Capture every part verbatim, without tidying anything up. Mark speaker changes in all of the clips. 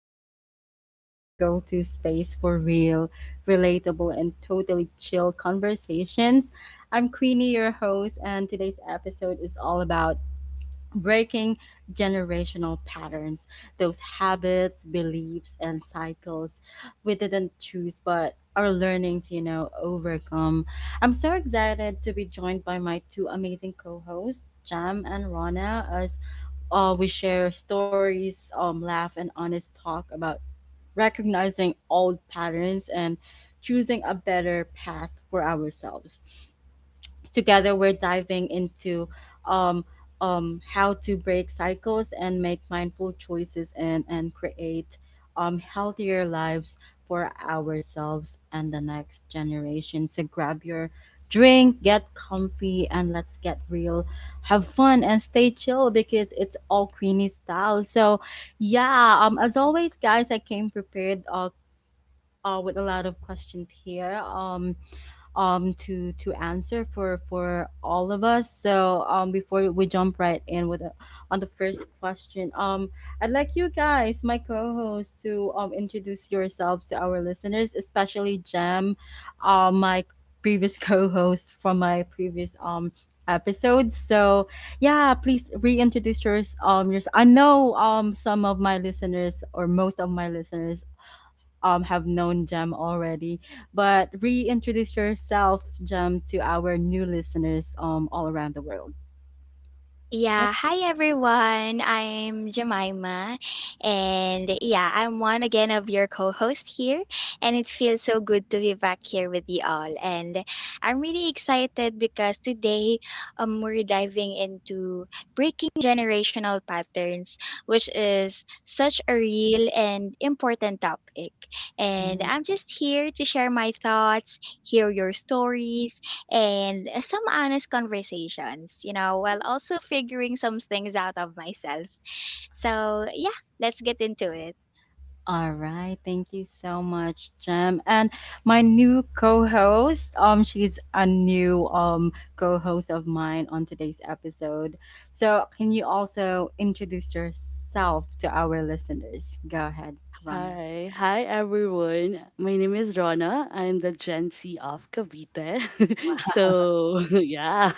Speaker 1: Talks with Queenie, your go to space for real, relatable, and totally chill conversations. I'm Queenie, your host, and today's episode is all about breaking generational patterns, those habits, beliefs, and cycles we didn't choose but are learning to, you know, overcome. I'm so excited to be joined by my two amazing co hosts, Jam and Rana, as uh, we share stories, um, laugh, and honest talk about recognizing old patterns and choosing a better path for ourselves. Together, we're diving into um, um, how to break cycles and make mindful choices and, and create um, healthier lives for ourselves and the next generation. So grab your drink, get comfy, and let's get real. Have fun and stay chill because it's all Queenie style. So, yeah, um, as always, guys, I came prepared uh, uh, with a lot of questions here. Um, um to to answer for for all of us, so um before we jump right in with the, on the first question, um I'd like you guys, my co-hosts, to um introduce yourselves to our listeners, especially Jam, um my previous co-host from my previous um episodes. So, yeah, please reintroduce yours um yours. I know um some of my listeners, or most of my listeners, um have known Jem already, but reintroduce yourself, Jem, to our new listeners um all around the world. Yep.
Speaker 2: Yeah, hi everyone. I'm Jemima, and yeah, I'm one again of your co-host here, and it feels so good to be back here with you all. And I'm really excited because today um we're diving into breaking generational patterns, which is such a real and important topic. And I'm just here to share my thoughts, hear your stories, and some honest conversations, you know, while also figuring some things out of myself. So, yeah, let's get into it.
Speaker 1: All right. Thank you so much, Jem. And my new co-host, um, she's a new um co-host of mine on today's episode. So can you also introduce yourself to our listeners? Go ahead, Rana.
Speaker 3: Hi, hi everyone. My name is Rona. I'm the Gen Z of Cavite. So yeah.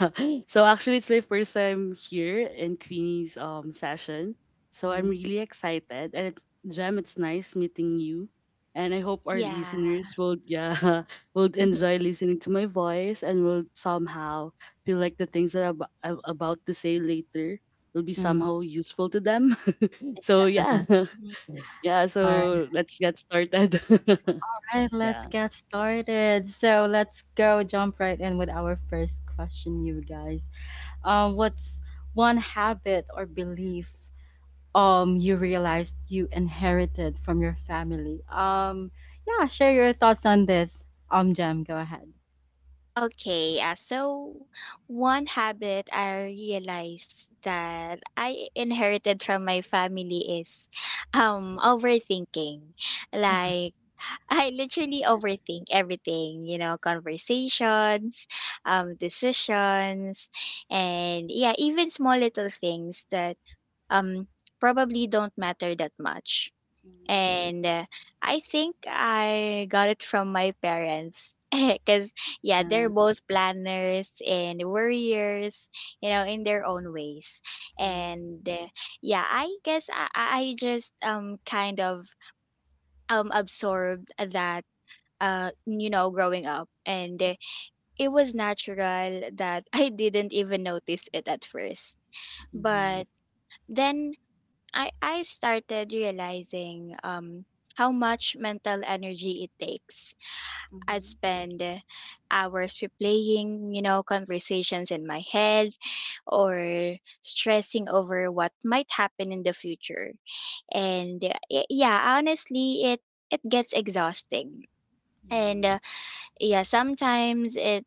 Speaker 3: So actually it's my first time here in Queenie's um session. So I'm
Speaker 1: Mhm.
Speaker 3: really excited. And it, Jem, it's nice meeting you. And I hope our
Speaker 2: Yeah.
Speaker 3: listeners will yeah will enjoy listening to my voice and will somehow feel like the things that I'm, ab- I'm about to say later will be
Speaker 1: Mhm.
Speaker 3: somehow useful to them. So yeah.
Speaker 1: Uh-huh.
Speaker 3: Yeah,
Speaker 1: All
Speaker 3: so let's get started.
Speaker 1: right, let's
Speaker 3: Yeah,
Speaker 1: get started. So let's go jump right in with our first question, you guys. Um, what's one habit or belief um you realized you inherited from your family? Um, yeah, share your thoughts on this. Um, Jam, go ahead.
Speaker 2: Okay, uh, so one habit I realized that I inherited from my family is um overthinking.
Speaker 1: Mm.
Speaker 2: Like I literally overthink everything, you know, conversations, um, decisions, and yeah, even small little things that um probably don't matter that much and uh, I think I got it from my parents because yeah,
Speaker 1: Yeah,
Speaker 2: they're both planners and worriers, you know, in their own ways. And uh, yeah, I guess I, I I just um kind of um absorbed that uh you know growing up, and uh, it was natural that I didn't even notice it at first, but then I I started realizing um how much mental energy it takes. I spend hours replaying, you know, conversations in my head or stressing over what might happen in the future. And uh, y- yeah, honestly, it it gets exhausting. And uh, yeah, sometimes it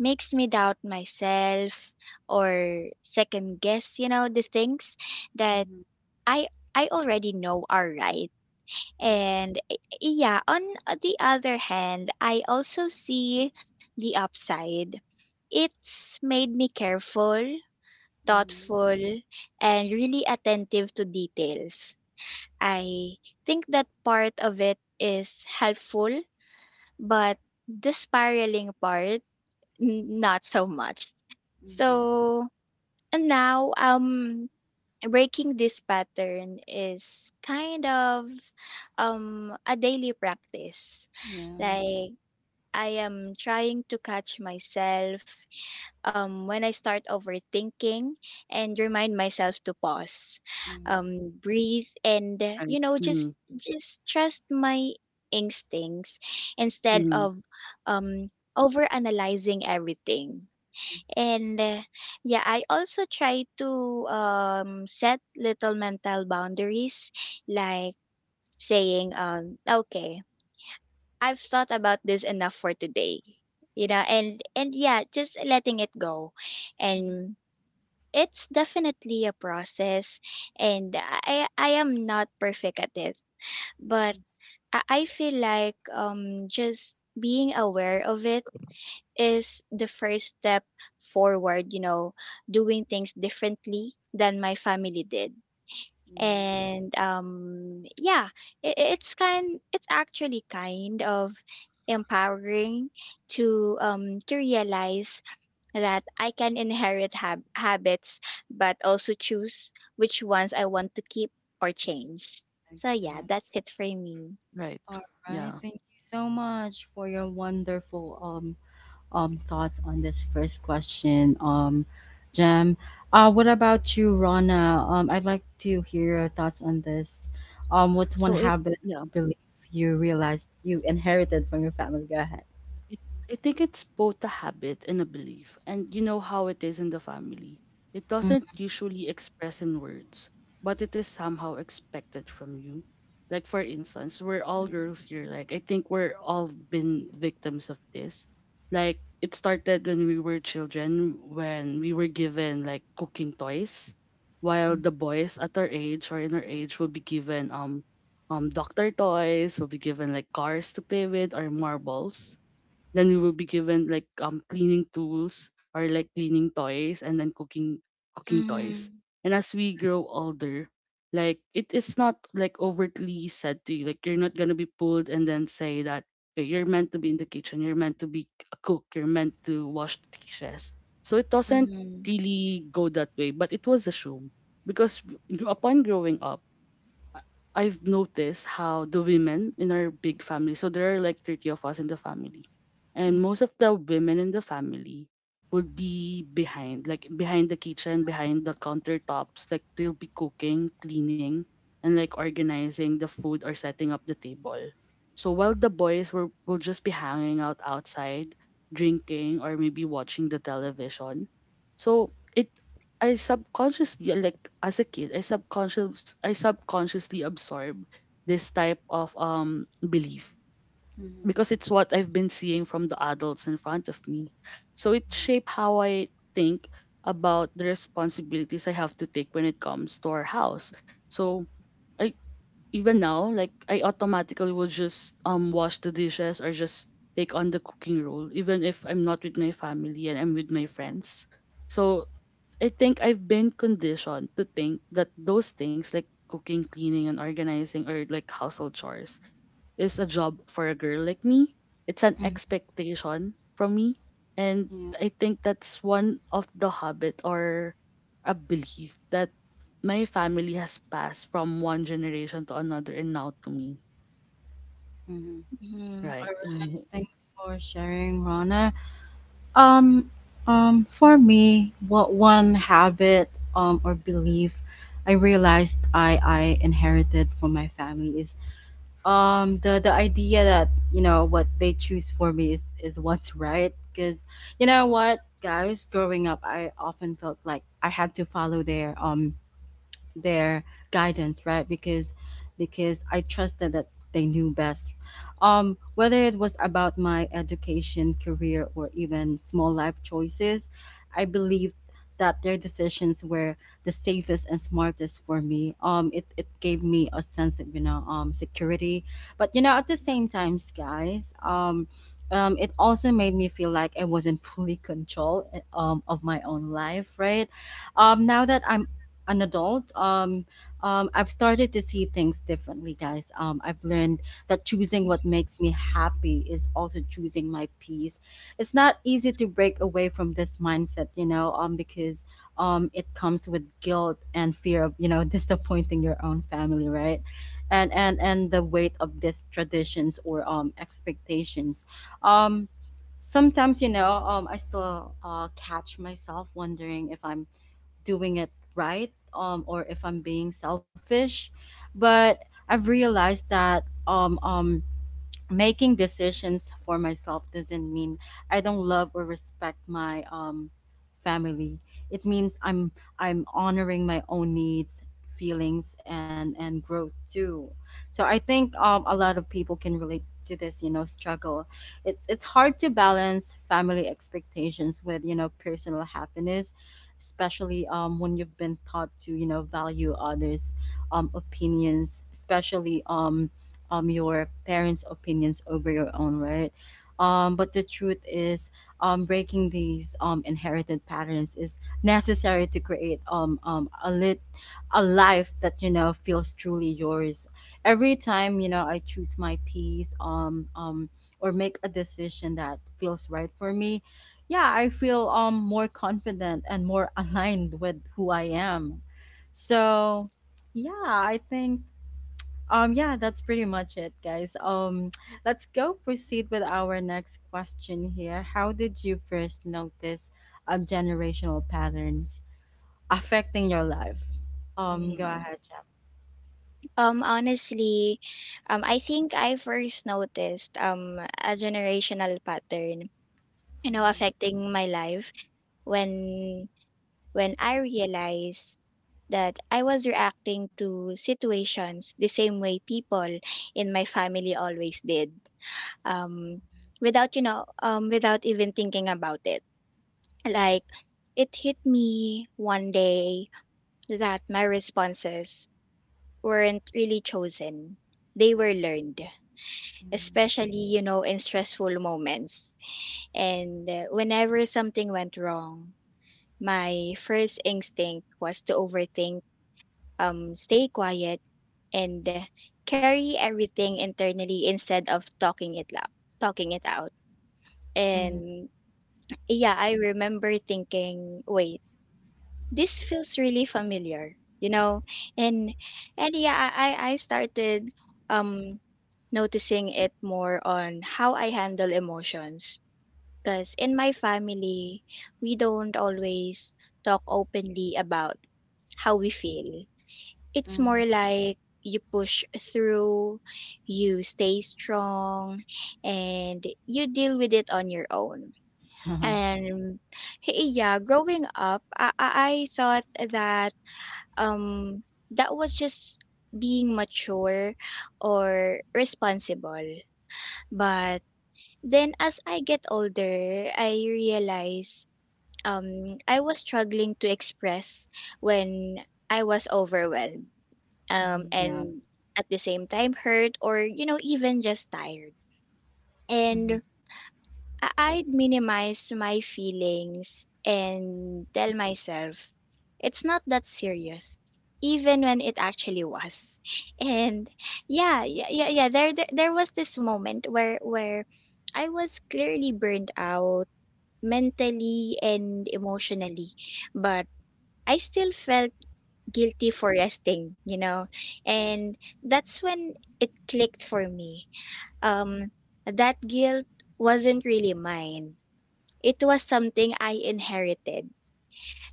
Speaker 2: makes me doubt myself or second guess, you know, the things
Speaker 1: yeah, yeah.
Speaker 2: that
Speaker 1: Mm-hmm. Yeah.
Speaker 2: I I already know are right
Speaker 1: Mm-hmm. Mm-hmm.
Speaker 2: and eh, eh, yeah, on uh, the other hand, I also see the upside. It's made me careful,
Speaker 1: Mm-hmm.
Speaker 2: thoughtful, and really attentive to details. I think that part of it is helpful, but the spiraling part, n- not so much.
Speaker 1: Mm-hmm.
Speaker 2: So, and now, um, breaking this pattern is kind of um a daily practice
Speaker 1: Yeah.
Speaker 2: like I am trying to catch myself um when I start overthinking and remind myself to pause,
Speaker 1: Mm-hmm.
Speaker 2: um breathe, and uh,
Speaker 3: right.
Speaker 2: you know just just trust my instincts instead
Speaker 3: Mm-hmm.
Speaker 2: of um overanalyzing everything. And uh, yeah, I also try to um, set little mental boundaries, like saying, um, okay, I've thought about this enough for today, you know, and, and yeah, just letting it go.
Speaker 1: Mm-hmm.
Speaker 2: And it's definitely a process, and I, I am not perfect at it, but I I feel like um, just being aware of it is the first step forward, you know, doing things differently than my family did.
Speaker 1: Yeah,
Speaker 2: And um yeah, it, it's kind it's actually kind of empowering to um to realize that I can inherit hab- habits but also choose which ones I want to keep or change. So yeah,
Speaker 1: exactly.
Speaker 2: that's it for me.
Speaker 3: Right.
Speaker 1: All right.
Speaker 3: Yeah.
Speaker 1: Thank you so much for your wonderful um um thoughts on this first question. Um Jam. Uh what about you, Rana? Um I'd like to hear your thoughts on this. Um what's one
Speaker 3: So it
Speaker 1: habit or
Speaker 3: yeah.
Speaker 1: belief you realized you inherited from your family? Go ahead.
Speaker 3: it, I think it's both a habit and a belief, and you know how it is in the family. It doesn't usually express in words, but it is somehow expected from you. Like for instance, we're all girls here. Like I think we're all been victims of this. Like it started when we were children, when we were given like cooking toys, while the boys at our age or in our age will be given um um doctor toys, will be given like cars to play with or marbles, then we will be given like um cleaning tools or like cleaning toys, and then cooking cooking toys.
Speaker 2: Mm-hmm.
Speaker 3: And as we grow older, like it is not like overtly said to you. Like you're not gonna be pulled and then say that okay, you're meant to be in the kitchen, you're meant to be a cook, you're meant to wash the dishes. So it doesn't
Speaker 2: Mm-hmm.
Speaker 3: really go that way, but it was assumed because gr- upon growing up I- I've noticed how the women in our big family, so there are like thirty of us in the family, and most of the women in the family would be behind, like behind the kitchen, behind the countertops, like they'll be cooking, cleaning, and like organizing the food or setting up the table. So while the boys were will just be hanging out outside, drinking or maybe watching the television. So it I subconsciously, yeah, like as a kid, I subconscious I subconsciously absorb this type of um belief because it's what I've been seeing from the adults in front of me. So it shaped how I think about the responsibilities I have to take when it comes to our house. So I even now, like I automatically will just um wash the dishes or just take on the cooking role even if I'm not with my family and I'm with my friends. So I think I've been conditioned to think that those things like cooking, cleaning, and organizing or like household chores is a job for a girl like me. It's an
Speaker 1: Mm-hmm.
Speaker 3: expectation from me. And
Speaker 1: Yeah.
Speaker 3: I think that's one of the habit or a belief that my family has passed from one generation to another and now to me.
Speaker 1: Mm-hmm. All
Speaker 3: Right.
Speaker 1: right. Thanks for sharing, Rana. Um, um, for me, what one habit um or belief I realized I I inherited from my family is um the the idea that you know what they choose for me is is what's right. Because, you know what, guys, growing up, I often felt like I had to follow their um their guidance, right? Because because I trusted that they knew best, um whether it was about my education, career, or even small life choices, I believed that their decisions were the safest and smartest for me. um it, it gave me a sense of you know um security, but you know at the same time, guys, um um, it also made me feel like I wasn't fully control, eh, um, of my own life, right? Um, now that I'm an adult, um, um, I've started to see things differently, guys. Um, I've learned that choosing what makes me happy is also choosing my peace. It's not easy to break away from this mindset, you know, um, because um, it comes with guilt and fear of, you know, disappointing your own family, right? And and and the weight of these traditions or um expectations. Um, sometimes you know um, I still uh, catch myself wondering if I'm doing it right, um, or if I'm being selfish. But I've realized that um, um, making decisions for myself doesn't mean I don't love or respect my um family. It means I'm I'm honoring my own needs, feelings, and and growth too. So I think um a lot of people can relate to this, you know, struggle. It's it's hard to balance family expectations with, you know, personal happiness, especially um when you've been taught to, you know, value others um opinions, especially um um your parents' opinions over your own, right? Um, but the truth is, um, breaking these um inherited patterns is necessary to create um um a lit a life that, you know, feels truly yours. Every time you know I choose my peace, um um or make a decision that feels right for me, yeah, I feel um more confident and more aligned with who I am. So, yeah, I think um, yeah, that's pretty much it, guys. Um, let's go proceed with our next question here. How did you first notice um, generational patterns affecting your life? Um, go
Speaker 2: Mm-hmm.
Speaker 1: ahead, Jack.
Speaker 2: Um, honestly, um, I think I first noticed um a generational pattern, you know, affecting my life when when I realized that I was reacting to situations the same way people in my family always did. Um, Without, you know, um, without even thinking about it. Like it hit me one day that my responses weren't really chosen. They were learned, especially, you know, in stressful moments. And uh, whenever something went wrong, my first instinct was to overthink, um, stay quiet, and uh, carry everything internally instead of talking it loud, talking it out.
Speaker 1: Mm.
Speaker 2: And yeah, I remember thinking, wait, this feels really familiar, you know? And and yeah, I I I started um noticing it more on how I handle emotions. Because in my family, we don't always talk openly about how we feel. It's
Speaker 1: Mm.
Speaker 2: more like you push through, you stay strong, and you deal with it on your own.
Speaker 1: Mm.
Speaker 2: And hey, yeah, growing up, I, I I thought that um that was just being mature or responsible. But then as I get older, I realize um, I was struggling to express when I was overwhelmed, um,
Speaker 1: Yeah.
Speaker 2: and at the same time hurt or, you know, even just tired.
Speaker 1: Mhm.
Speaker 2: And I- I'd minimize my feelings and tell myself it's not that serious, even when it actually was. And yeah, yeah, yeah, yeah. There, there, there was this moment where where I was clearly burned out mentally and emotionally, but I still felt guilty for resting, you know, and that's when it clicked for me. Um, that guilt wasn't really mine, it was something I inherited.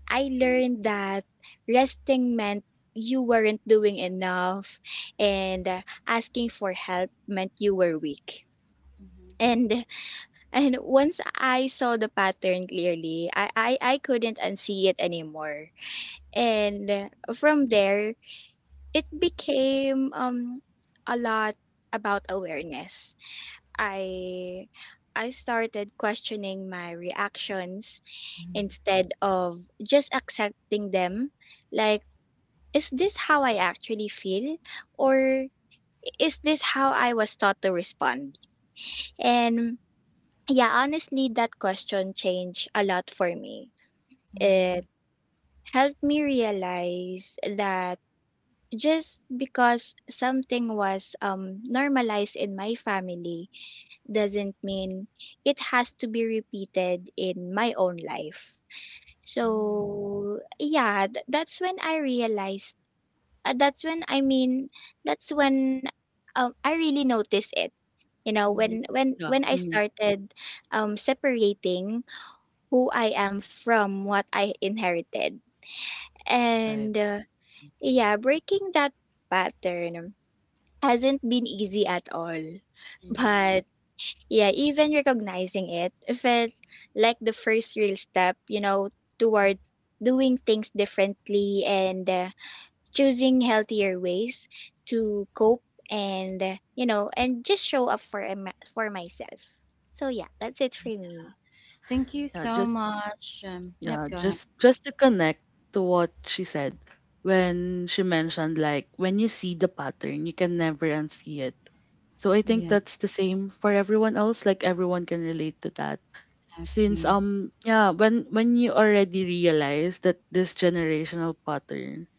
Speaker 2: I
Speaker 1: Mhm.
Speaker 2: learned that resting meant you weren't doing enough, and uh, asking for help meant you were weak.
Speaker 1: Mhm.
Speaker 2: And and once I saw the pattern clearly, I, I, I couldn't unsee it anymore. And uh, from there, it became um a lot about awareness. I I started questioning my reactions instead of just accepting them. Like, is this how I actually feel? Or is this how I was taught to respond? And yeah, honestly, that question changed a lot for me.
Speaker 1: Mhm.
Speaker 2: It helped me realize that just because something was um, normalized in my family doesn't mean it has to be repeated in my own life.
Speaker 1: Mhm.
Speaker 2: So, yeah, th- that's when I realized, uh, that's when I mean, that's when um, I really noticed it. You know,
Speaker 1: Mhm.
Speaker 2: when when
Speaker 3: Yeah.
Speaker 2: when I
Speaker 3: Mhm.
Speaker 2: started um, separating who I am from what I inherited,
Speaker 3: Right.
Speaker 2: and uh, yeah, breaking that pattern hasn't been easy at all.
Speaker 1: Mhm.
Speaker 2: But yeah, even recognizing it felt like the first real step, you know, toward doing things differently and uh, choosing healthier ways to cope and uh, you know and just show up for em- for myself. So yeah, that's it for me.
Speaker 1: Yeah. Thank you
Speaker 3: Yeah.
Speaker 1: so
Speaker 3: Just
Speaker 1: much. Um, yep,
Speaker 3: Yeah,
Speaker 1: go ahead.
Speaker 3: just just to connect to what she said when she mentioned like when you see the pattern, you can never unsee it. So I think
Speaker 1: Yeah,
Speaker 3: that's the same for everyone else. Like everyone can relate to that. Since
Speaker 1: exactly.
Speaker 3: um yeah, when when you already realize that this generational pattern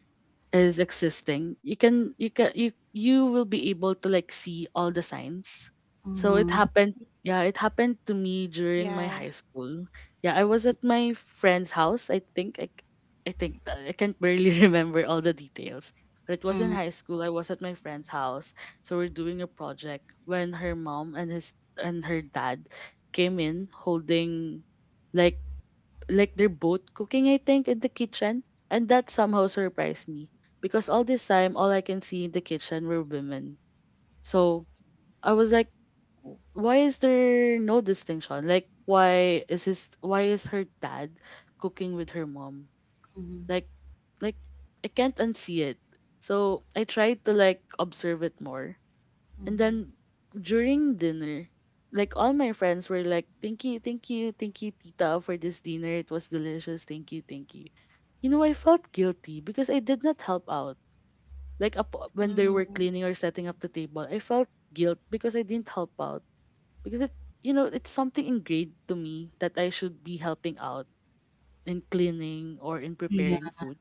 Speaker 3: is existing, you can you can you you will be able to like see all the signs. So it
Speaker 1: Mm-hmm.
Speaker 3: happened, yeah, it happened to me during my
Speaker 2: Yeah.
Speaker 3: high school. Yeah, I was at my friend's house. i think i, c- I think that- I can't barely remember all the details, but it was in high school. I was at my friend's house, so we're doing a project when her mom and his and her dad came in holding like like they're both cooking, I think, in the kitchen. And that somehow surprised me because all this time, all I can see in the kitchen were women. So I was like, "W- Why is there no distinction? Like, why is his, why is her dad cooking with her mom?
Speaker 1: Mm-hmm.
Speaker 3: Like, like I can't unsee it." So I tried to like observe it more, and
Speaker 1: Mm-hmm.
Speaker 3: then during dinner, like all my friends were like, "Thank you, thank you, thank you, Tita, for this dinner. It was delicious. Thank you, thank you." You know, I felt guilty because I did not help out. Like up when they were
Speaker 2: Mhm.
Speaker 3: cleaning or setting up the table, I felt guilt because I didn't help out because it, you know, it's something ingrained to me that I should be helping out in cleaning or in
Speaker 1: Yeah,
Speaker 3: preparing food.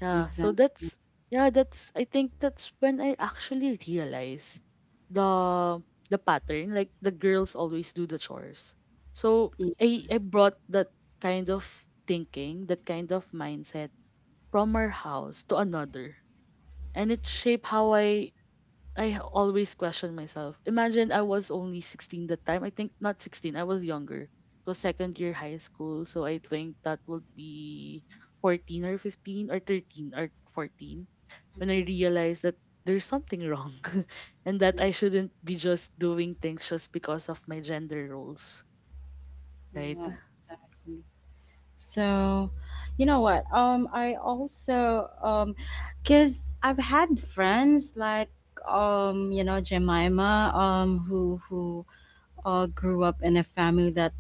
Speaker 3: Yeah, so
Speaker 1: exactly.
Speaker 3: that's yeah, that's I think that's when I actually realize the the pattern. Like the girls always do the chores. So
Speaker 1: Yeah.
Speaker 3: I I brought that kind of thinking, that kind of mindset from our house to another. And it shaped how I I always question myself. Imagine I was only sixteen that time. I think not sixteen, I was younger. It was second year high school, so I think that would be fourteen or fifteen or thirteen or fourteen when I
Speaker 1: Mhm.
Speaker 3: realized that there's something wrong and that
Speaker 1: Yeah,
Speaker 3: I shouldn't be just doing things just because of my gender roles, right?
Speaker 1: yeah, exactly. So, you know what? Um, I also, um, cause I've had friends like, um, you know, Jemima, um, who who uh grew up in a family that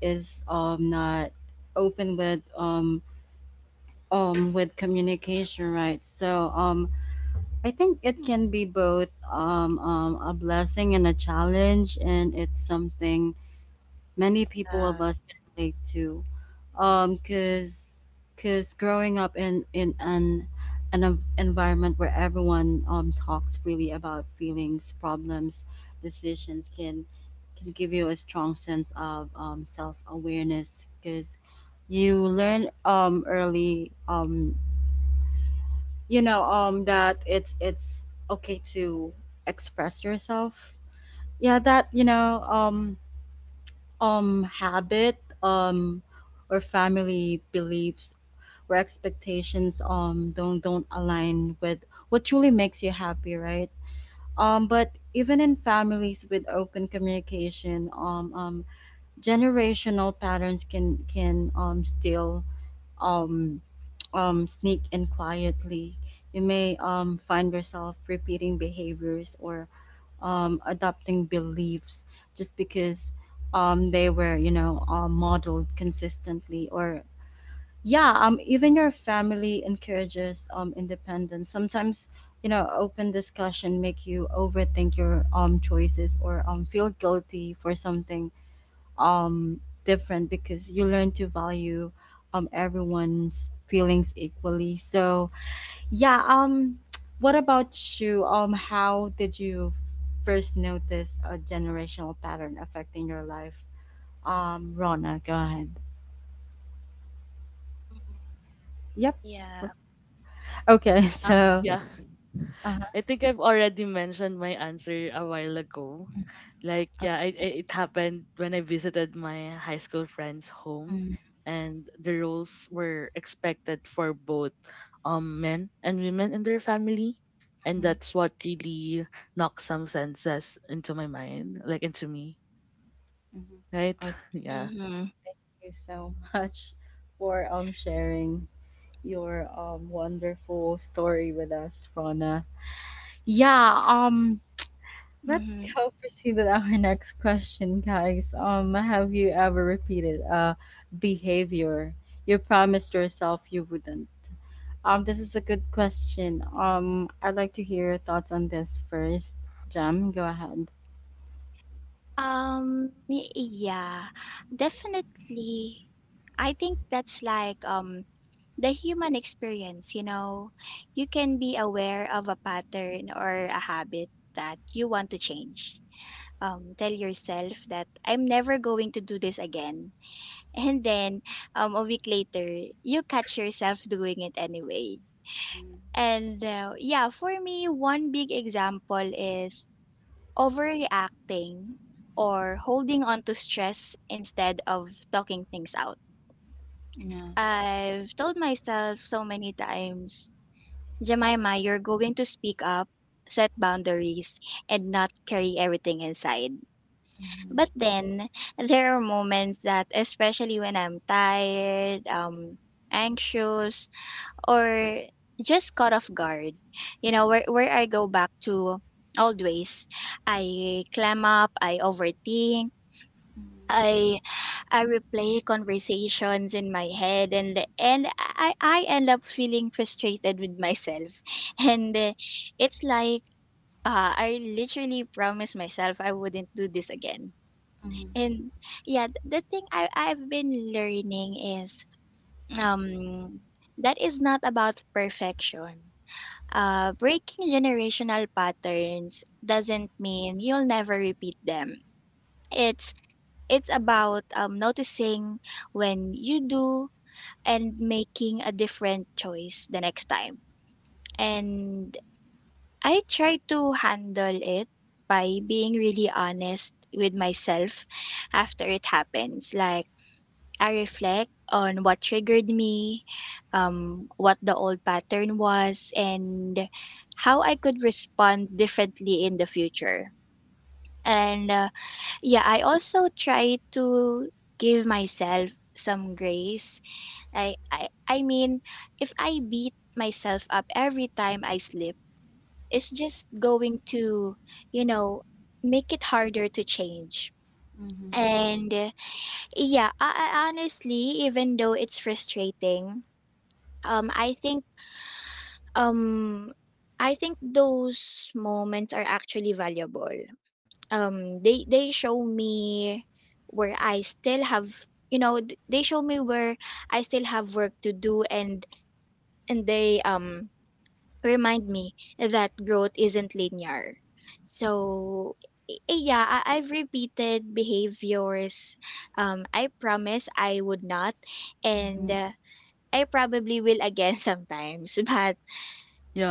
Speaker 1: is um not open with um um with communication, right? So um, I think it can be both um um a blessing and a challenge, and it's something many people of
Speaker 2: Yeah.
Speaker 1: us can relate to um because because growing up in in an an env- environment where everyone um talks freely about feelings, problems, decisions can can give you a strong sense of um, self-awareness because you learn um early um you know um that it's it's okay to express yourself, yeah, that you know um um habit, um or family beliefs, or expectations um don't don't align with what truly makes you happy, right. um but even in families with open communication, um um generational patterns can can um still um um sneak in quietly. You may um find yourself repeating behaviors or um, adopting beliefs just because um, they were, you know, uh, modeled consistently. Or, yeah, um, even your family encourages um, independence. Sometimes, you know, open discussion make you overthink your um, choices or um, feel guilty for something um, different because you learn to value um, everyone's feelings equally. So, yeah, um what about you? Um how did you first notice a generational pattern affecting your life? Um Rona, go ahead. Yep.
Speaker 2: Yeah.
Speaker 1: Okay,
Speaker 3: Yeah,
Speaker 1: so
Speaker 3: yeah.
Speaker 1: uh
Speaker 3: I think I've already mentioned my answer a while ago. Like,
Speaker 1: okay.
Speaker 3: yeah, it, it it happened when I visited my high school friend's home,
Speaker 1: Mm-hmm.
Speaker 3: and the roles were expected for both um, men and women in their family. And that's what really knocked some senses into my mind, like into me,
Speaker 1: Mm-hmm.
Speaker 3: right?
Speaker 1: Okay,
Speaker 2: Yeah.
Speaker 3: Yeah.
Speaker 2: Mhm.
Speaker 1: thank you so much for um sharing your um wonderful story with us, Rona. Yeah, um let's
Speaker 2: Mhm.
Speaker 1: go proceed with our next question, guys. Um, have you ever repeated a behavior you promised yourself you wouldn't? Um, this is a good question. Um, I'd like to hear your thoughts on this first. Jam, go ahead.
Speaker 2: Um, y- yeah, definitely. I think that's like um the human experience, you know. You can be aware of a pattern or a habit that you want to change. Um, tell yourself that I'm never going to do this again. And then um a week later, you catch yourself doing it anyway. And uh, yeah, for me, one big example is overreacting or holding on to stress instead of talking things out.
Speaker 1: Yeah.
Speaker 2: I've told myself so many times, Jemima, you're going to speak up, set boundaries, and not carry everything inside.
Speaker 1: Mhm.
Speaker 2: But then there are moments that, especially when I'm tired, um, anxious, or just caught off guard, you know, where, where I go back to old ways. I clam up, I overthink I I replay conversations in my head and and I I end up feeling frustrated with myself. And uh, it's like uh, I literally promised myself I wouldn't do this again.
Speaker 1: Mhm.
Speaker 2: And yeah, th- the thing I I've been learning is um that is not about perfection. Uh, breaking generational patterns doesn't mean you'll never repeat them. It's it's about um, noticing when you do and making a different choice the next time. And I try to handle it by being really honest with myself after it happens. Like, I reflect on what triggered me, um, what the old pattern was, and how I could respond differently in the future. And uh, yeah, I also try to give myself some grace. I I I mean, if I beat myself up every time I slip, it's just going to, you know, make it harder to change.
Speaker 1: Mhm.
Speaker 2: And uh, yeah, I, I honestly, even though it's frustrating, um I think um I think those moments are actually valuable. Um, they they show me where I still have, you know, th- they show me where I still have work to do and and they um remind me that growth isn't linear. So i- i- yeah, I, I've repeated behaviors. Um, I promise I would not, and
Speaker 1: Mhm.
Speaker 2: uh, I probably will again sometimes. But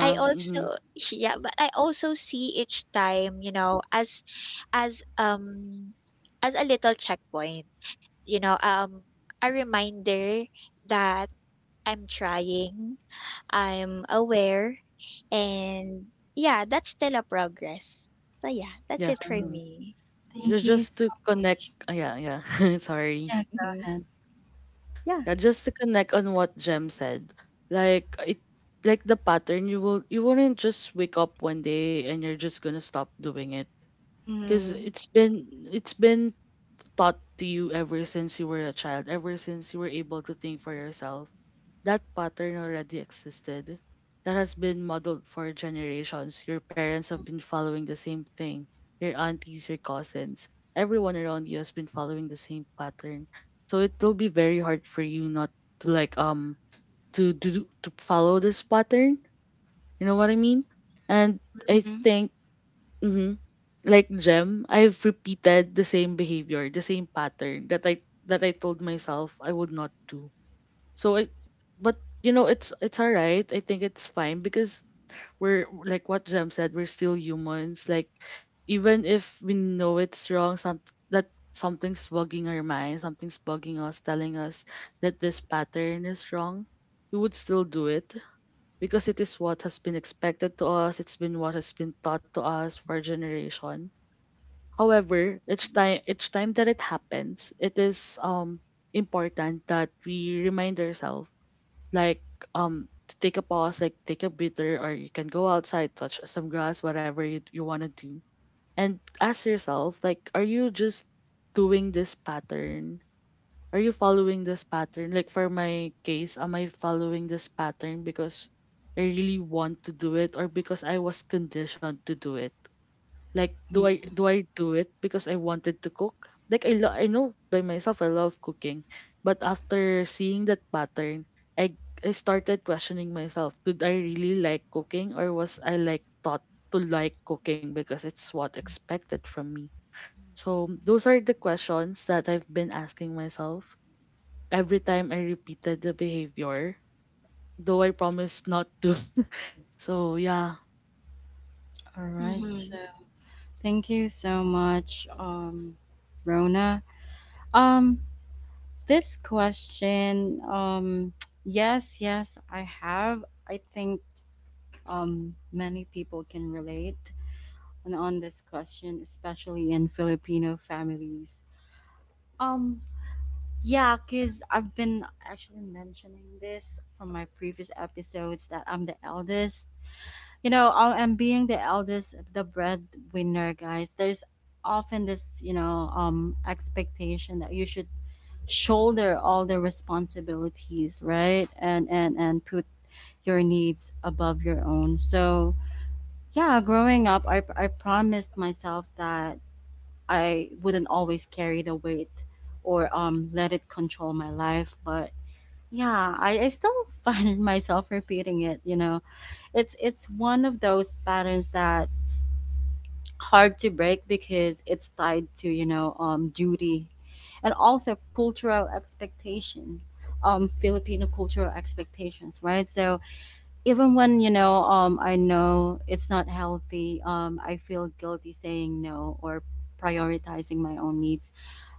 Speaker 2: I
Speaker 3: Mhm.
Speaker 2: also yeah, but I also see each time, you know, as as um as a little checkpoint, you know, um a reminder that I'm trying, I'm aware, and yeah, that's still a progress. So yeah, that's
Speaker 3: Yes.
Speaker 2: it for
Speaker 1: Mhm.
Speaker 3: Mhm.
Speaker 2: me.
Speaker 3: Ju-
Speaker 1: Thank you
Speaker 3: Just
Speaker 1: so
Speaker 3: to connect.
Speaker 1: much.
Speaker 3: Ah, Yeah. Yeah. Sorry.
Speaker 1: Yeah, go
Speaker 2: Mhm.
Speaker 1: ahead. Yeah.
Speaker 3: Yeah, just to connect on what Jem said. Like it. Like the pattern. You will. You wouldn't just wake up one day and you're just gonna stop doing it. Cause
Speaker 2: Mm-hmm.
Speaker 3: it's been. It's been taught to you ever since you were a child, ever since you were able to think for yourself, that pattern already existed. That has been modeled for generations. Your parents have been following the same thing. Your aunties, your cousins, everyone around you has been following the same pattern. So it will be very hard for you not to like um to do to follow this pattern. You know what I mean? And I
Speaker 2: Mhm.
Speaker 3: think, mm-hmm, like Gem, I've repeated the same behavior, the same pattern that I that I told myself I would not do. So I, but you know, it's it's alright. I think it's fine because we're like what Gem said, we're still humans. Like even if we know it's wrong, some that something's bugging our mind, something's bugging us, telling us that this pattern is wrong, we would still do it because it is what has been expected to us, it's been what has been taught to us for a generation. However, each time each time that it happens, it is um important that we remind ourselves like um to take a pause, like take a breather, or you can go outside, touch some grass, whatever you, you wanna do. And ask yourself, like, are you just doing this pattern are you following this pattern? Like for my case, am I following this pattern because I really want to do it or because I was conditioned to do it? Like
Speaker 1: Yeah.
Speaker 3: do I do I do it because I wanted to cook? Like I lo- I know by myself I love cooking, but after seeing that pattern, I I started questioning myself. Did I really like cooking or was I like taught to like cooking because it's what expected from me? So those are the questions that I've been asking myself every time I repeated the behavior, though I promised not to. So yeah,
Speaker 1: All right.
Speaker 2: Mm-hmm.
Speaker 1: So, thank you so much, um, Rona. Um, This question, um, yes, yes, I have. I think um, many people can relate on, on this question, especially in Filipino families. Um, yeah, because I've been actually mentioning this from my previous episodes that I'm the eldest. You know, I am being the eldest, the breadwinner, guys. There's often this, you know, um, expectation that you should shoulder all the responsibilities, right? And and and put your needs above your own. So, yeah, growing up, I I promised myself that I wouldn't always carry the weight or um let it control my life, but yeah, I, I still find myself repeating it, you know. It's it's one of those patterns that hard to break because it's tied to, you know, um, duty and also cultural expectation, um Filipino cultural expectations, right? So even when, you know, um I know it's not healthy, um I feel guilty saying no or prioritizing my own needs.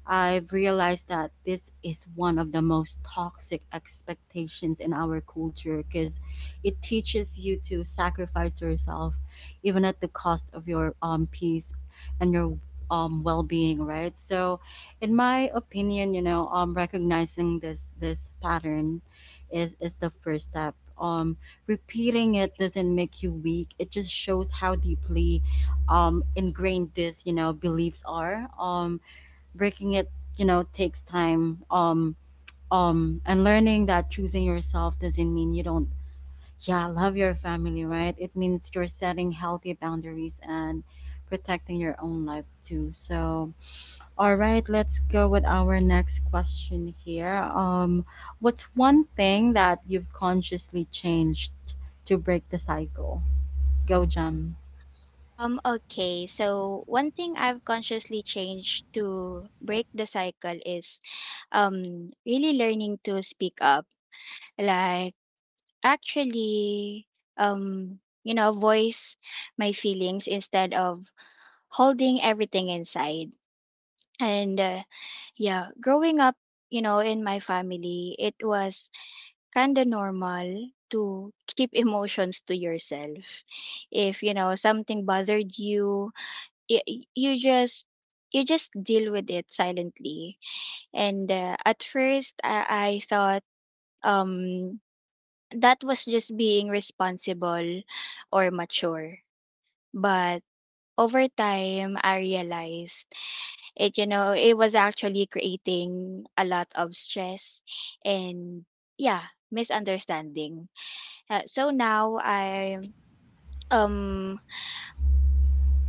Speaker 1: I've realized that this is one of the most toxic expectations in our culture because it teaches you to sacrifice yourself, even at the cost of your um, peace and your um, well-being. Right. So, in my opinion, you know, um, recognizing this this pattern is is the first step. Um, repeating it doesn't make you weak. It just shows how deeply um, ingrained this, you know, beliefs are. Um, breaking it, you know, takes time, um um and learning that choosing yourself doesn't mean you don't, yeah, love your family, right. It means you're setting healthy boundaries and protecting your own life too. So, all right, let's go with our next question here. um what's one thing that you've consciously changed to break the cycle? Go, Jam.
Speaker 2: Um, okay, so one thing I've consciously changed to break the cycle is um really learning to speak up, like actually um you know voice my feelings instead of holding everything inside. And uh, yeah, growing up, you know, in my family it was kind of normal to keep emotions to yourself. If you know something bothered you, y- y- you just you just deal with it silently. And uh, at first, I-, I thought um that was just being responsible or mature, but over time I realized, it you know, it was actually creating a lot of stress and yeah misunderstanding. Uh, so now i um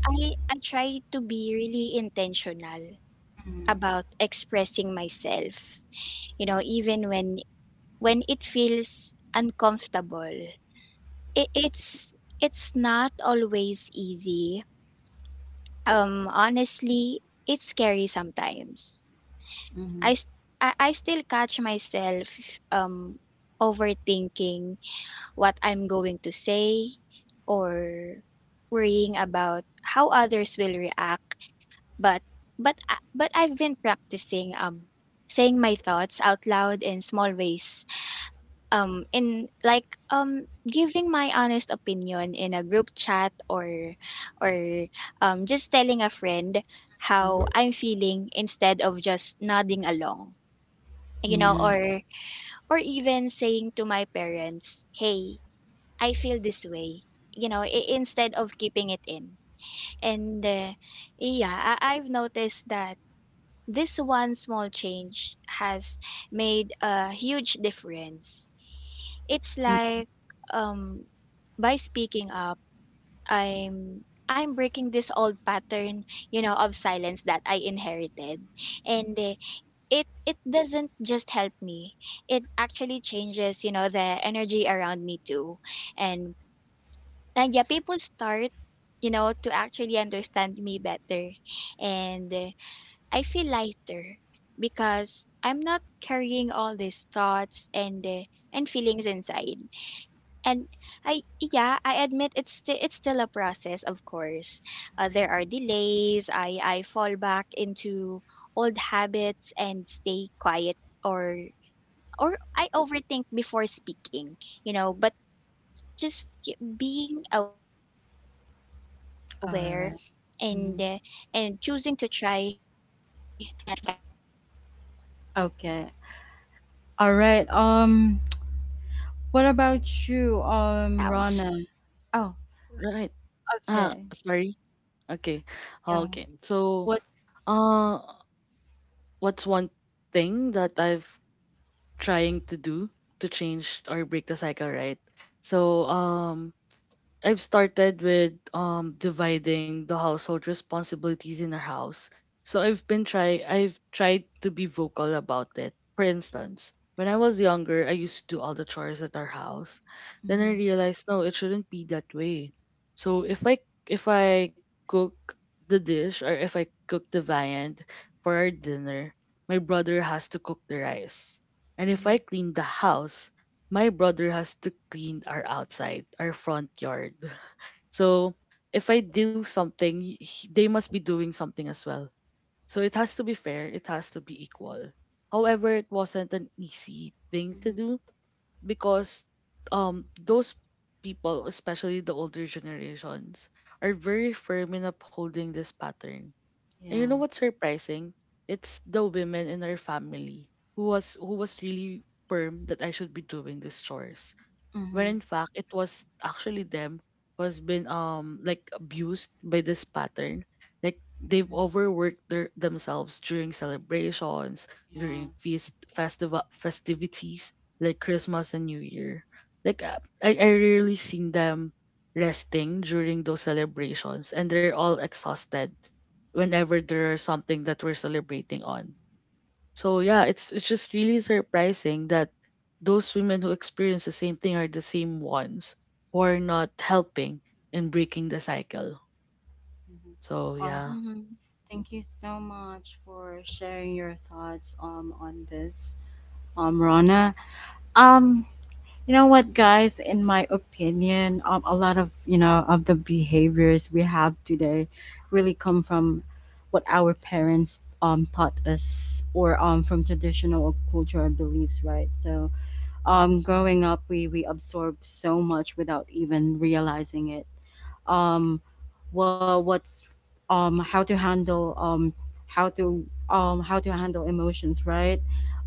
Speaker 2: i I try to be really intentional about expressing myself, you know, even when when it feels uncomfortable. It it's it's not always easy. Um, honestly, it's scary sometimes. I
Speaker 1: Hmm.
Speaker 2: s- I, I still catch myself um overthinking what I'm going to say or worrying about how others will react. But but I- but I've been practicing um saying my thoughts out loud in small ways, um in like um giving my honest opinion in a group chat, or or um just telling a friend how I'm feeling instead of just nodding along, you know,
Speaker 1: Yeah.
Speaker 2: or or even saying to my parents, "Hey, I feel this way," you know, i- instead of keeping it in. And uh, Yeah, I- I've noticed that this one small change has made a huge difference. It's
Speaker 1: Mm.
Speaker 2: like, um by speaking up, I'm I'm breaking this old pattern, you know, of silence that I inherited. And eh, it it doesn't just help me. It actually changes, you know, the energy around me too. And and yeah, people start, you know, to actually understand me better. And eh, I feel lighter because I'm not carrying all these thoughts and eh, and feelings inside. And I yeah, I admit it's still it's still a process, of course. Uh, there are delays. I I fall back into old habits and stay quiet, or or I overthink before speaking, you know, but just y- being aware and uh, and
Speaker 1: All
Speaker 2: choosing to
Speaker 1: right.
Speaker 2: try,
Speaker 1: Mhm.
Speaker 2: yeah, to choosing to try is what counts. And
Speaker 1: Okay.
Speaker 2: um
Speaker 1: All right. Um what
Speaker 2: Mhm,
Speaker 1: about you, um, Rana? Oh,
Speaker 3: right. Ah,
Speaker 1: okay.
Speaker 3: sorry. Okay.
Speaker 1: Yeah.
Speaker 3: Okay. So,
Speaker 1: What's?
Speaker 3: uh, what's one thing that I've trying to do to change or break the cycle, right? So, um, I've started with um dividing the household responsibilities in our house. So I've been try I've tried to be vocal about it. For instance, when I was younger, I used to do all the chores at our house. Then I
Speaker 1: Mm-hmm.
Speaker 3: realized no, it shouldn't be that way. So if I if I cook the dish or if I cook the viand for our dinner, my brother has to cook the rice. And if I
Speaker 1: Mm-hmm.
Speaker 3: clean the house, my brother has to clean our outside, our front yard. So if I do something, he- he- they must be doing something as well. So it has to be fair, it has to be equal. However, it wasn't an easy thing to
Speaker 1: Mm-hmm.
Speaker 3: do because um those people, especially the older generations, are very firm in upholding this pattern. And you know
Speaker 1: Yeah.
Speaker 3: what's surprising? It's the women in our family who was who was really firm that I should be doing these chores when
Speaker 1: Mm-hmm.
Speaker 3: in fact it was actually them who has been um like abused by this pattern, like they've
Speaker 1: Mm-hmm.
Speaker 3: overworked their themselves during celebrations,
Speaker 1: Yeah. Yeah.
Speaker 3: during feast festival festivities like Christmas and New Year. Like uh, i i rarely seen them resting during those celebrations, and they're all exhausted
Speaker 1: Mm-hmm.
Speaker 3: whenever there's something that we're celebrating on. So yeah, it's it's just really surprising that those women who experience the same thing are the same ones who are
Speaker 1: Mm-hmm.
Speaker 3: not helping in breaking the cycle. So
Speaker 1: Or
Speaker 3: yeah.
Speaker 2: mhm,
Speaker 1: thank you so much for sharing your thoughts um on this, um, Rana. Um, You know what, guys? In my opinion, um, a lot of you know of the behaviors we have today really come from what our parents um taught us, or um from traditional culture and beliefs, right? So, um, growing up, we we absorb so much without even realizing it. Um, well, what's um, How to handle um, how to um, how to handle emotions, right?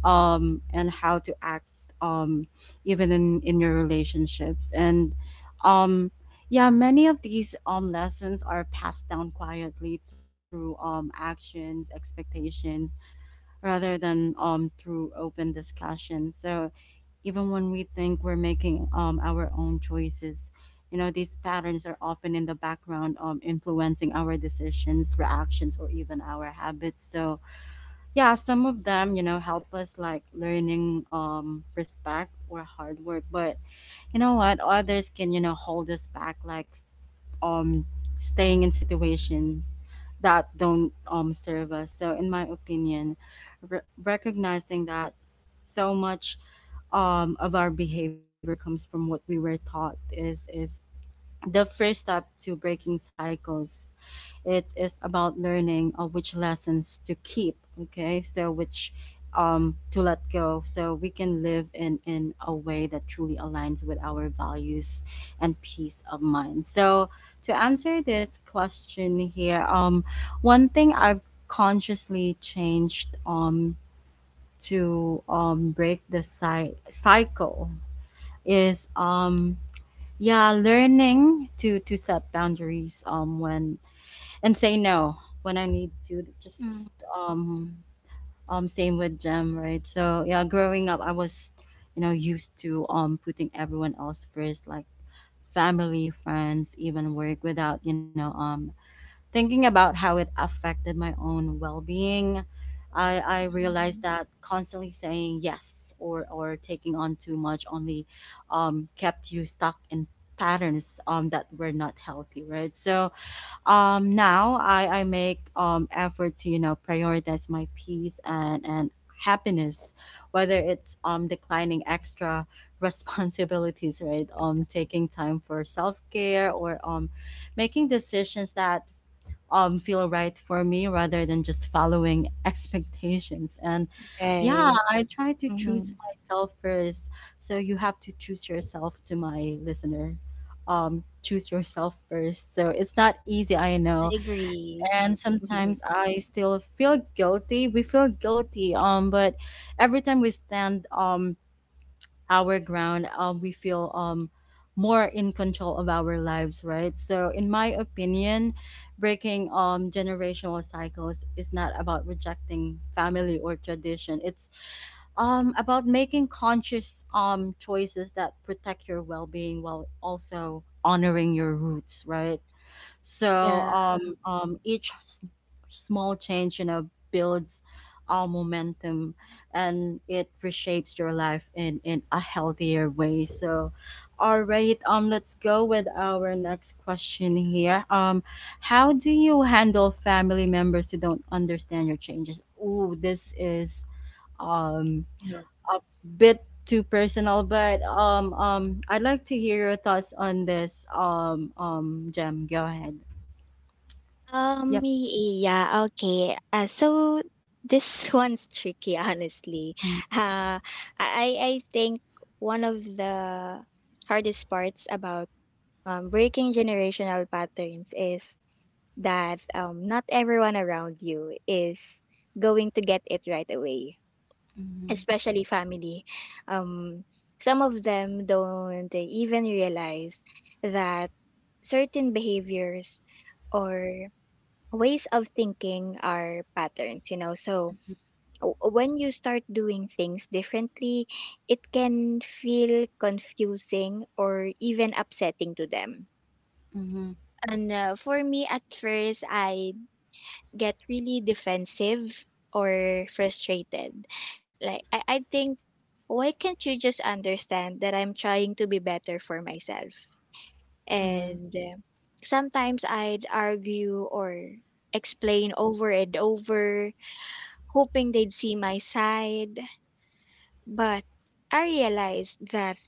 Speaker 1: Um, and how to act um, even in in your relationships and um, yeah, many of these um lessons are passed down quietly through um actions, expectations, rather than um through open discussion. So even when we think we're making um, our own choices. You know, these patterns are often in the background, um, influencing our decisions, reactions, or even our habits. So, yeah, some of them, you know, help us like learning um, respect or hard work. But you know what? Others can, you know, hold us back, like um staying in situations that don't um serve us. So in my opinion, re- recognizing that so much um of our behavior comes from what we were taught is is the first step to breaking cycles. It is about learning uh, which lessons to keep. Okay, so which um to let go, so we can live in in a way that truly aligns with our values and peace of mind. So to answer this question here, um one thing I've consciously changed um to um break the cy- cycle is um yeah, learning to to set boundaries um when, and say no when I need to,
Speaker 2: mhm,
Speaker 1: just um um same with Gem, right? So yeah, growing up, I was, you know, used to um putting everyone else first, like family, friends, even work, without you know um thinking about how it affected my own well being. I, I
Speaker 2: mhm.
Speaker 1: realized that constantly saying yes or, or taking on too much only um, kept you stuck in patterns um, that were not healthy, right? So um, now I, I make um, effort to, you know, prioritize my peace and, and happiness, whether it's um, declining extra responsibilities, right? Um, taking time for self care or um, making decisions that um feel right for me rather than just following expectations, and yeah,
Speaker 2: Right.
Speaker 1: I try to choose myself first. So you have to choose yourself. To my listener, um choose yourself first. So it's not easy, I
Speaker 2: I
Speaker 1: know.
Speaker 2: agree.
Speaker 1: And sometimes I still feel guilty, we feel guilty, um but every time we stand um our ground, um, we feel um more in control of our lives, right? So, in my opinion, breaking um generational cycles is not about rejecting family or tradition. It's um about making conscious um choices that protect your well-being while also honoring your roots, right? So
Speaker 2: Yeah.
Speaker 1: um, um, each s- small change, you know, builds our momentum, and it reshapes your life in, in a healthier way. So, all right, um, let's go with our next question here. Um, how do you handle family members who don't understand your changes? Ooh, this is um
Speaker 3: Yeah.
Speaker 1: a bit too personal, but um um I'd like to hear your thoughts on this. Um um Jem, go ahead. Yep.
Speaker 2: Um, y- yeah, okay. Uh, so this one's tricky, honestly.
Speaker 1: Mm,
Speaker 2: Uh, I I think one of the hardest parts about um, breaking generational patterns is that, um, not everyone around you is going to get it right away.
Speaker 1: mhm,
Speaker 2: Especially family. Um, some of them don't eh, even realize that certain behaviors or ways of thinking are patterns, you know. So w- when you start doing things differently, it can feel confusing or even upsetting to them.
Speaker 1: mhm,
Speaker 2: And uh, For me, at first, I get really defensive or frustrated. Like, I, I think, why can't you just understand that I'm trying to be better for myself?
Speaker 1: mhm,
Speaker 2: And uh, Sometimes I'd argue or explain over and over, hoping they'd see my side. But I realized that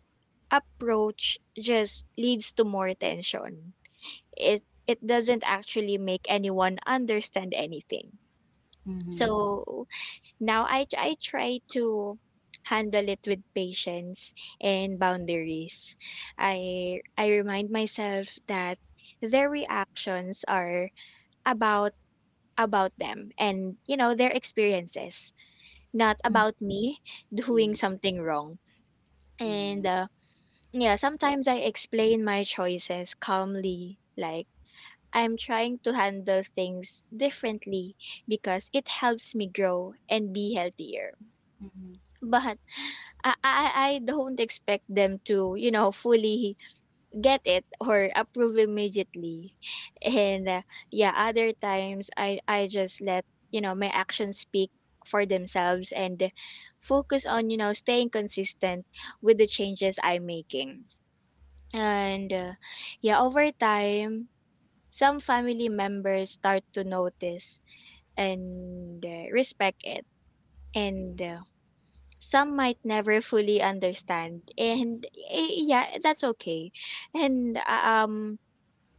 Speaker 2: approach just leads to more tension. It it doesn't actually make anyone understand anything. So now I I try to handle it with patience and boundaries. I I remind myself that their reactions are about about them and, you know, their experiences, not
Speaker 1: mhm,
Speaker 2: about me doing
Speaker 1: mm,
Speaker 2: something wrong.
Speaker 1: yeah,
Speaker 2: And uh,
Speaker 1: yes.
Speaker 2: Yeah, sometimes I explain my choices calmly, like, I'm trying to handle things differently because it helps me grow and be healthier.
Speaker 1: Mhm,
Speaker 2: But I I I don't expect them to, you know, fully get it or approve immediately. And uh, Yeah, other times I I just let, you know, my actions speak for themselves and focus on, you know, staying consistent with the changes I'm making. And uh, Yeah, over time, some family members start to notice and uh, respect it. And uh, Some might never fully understand, and eh, yeah, that's okay. and uh, um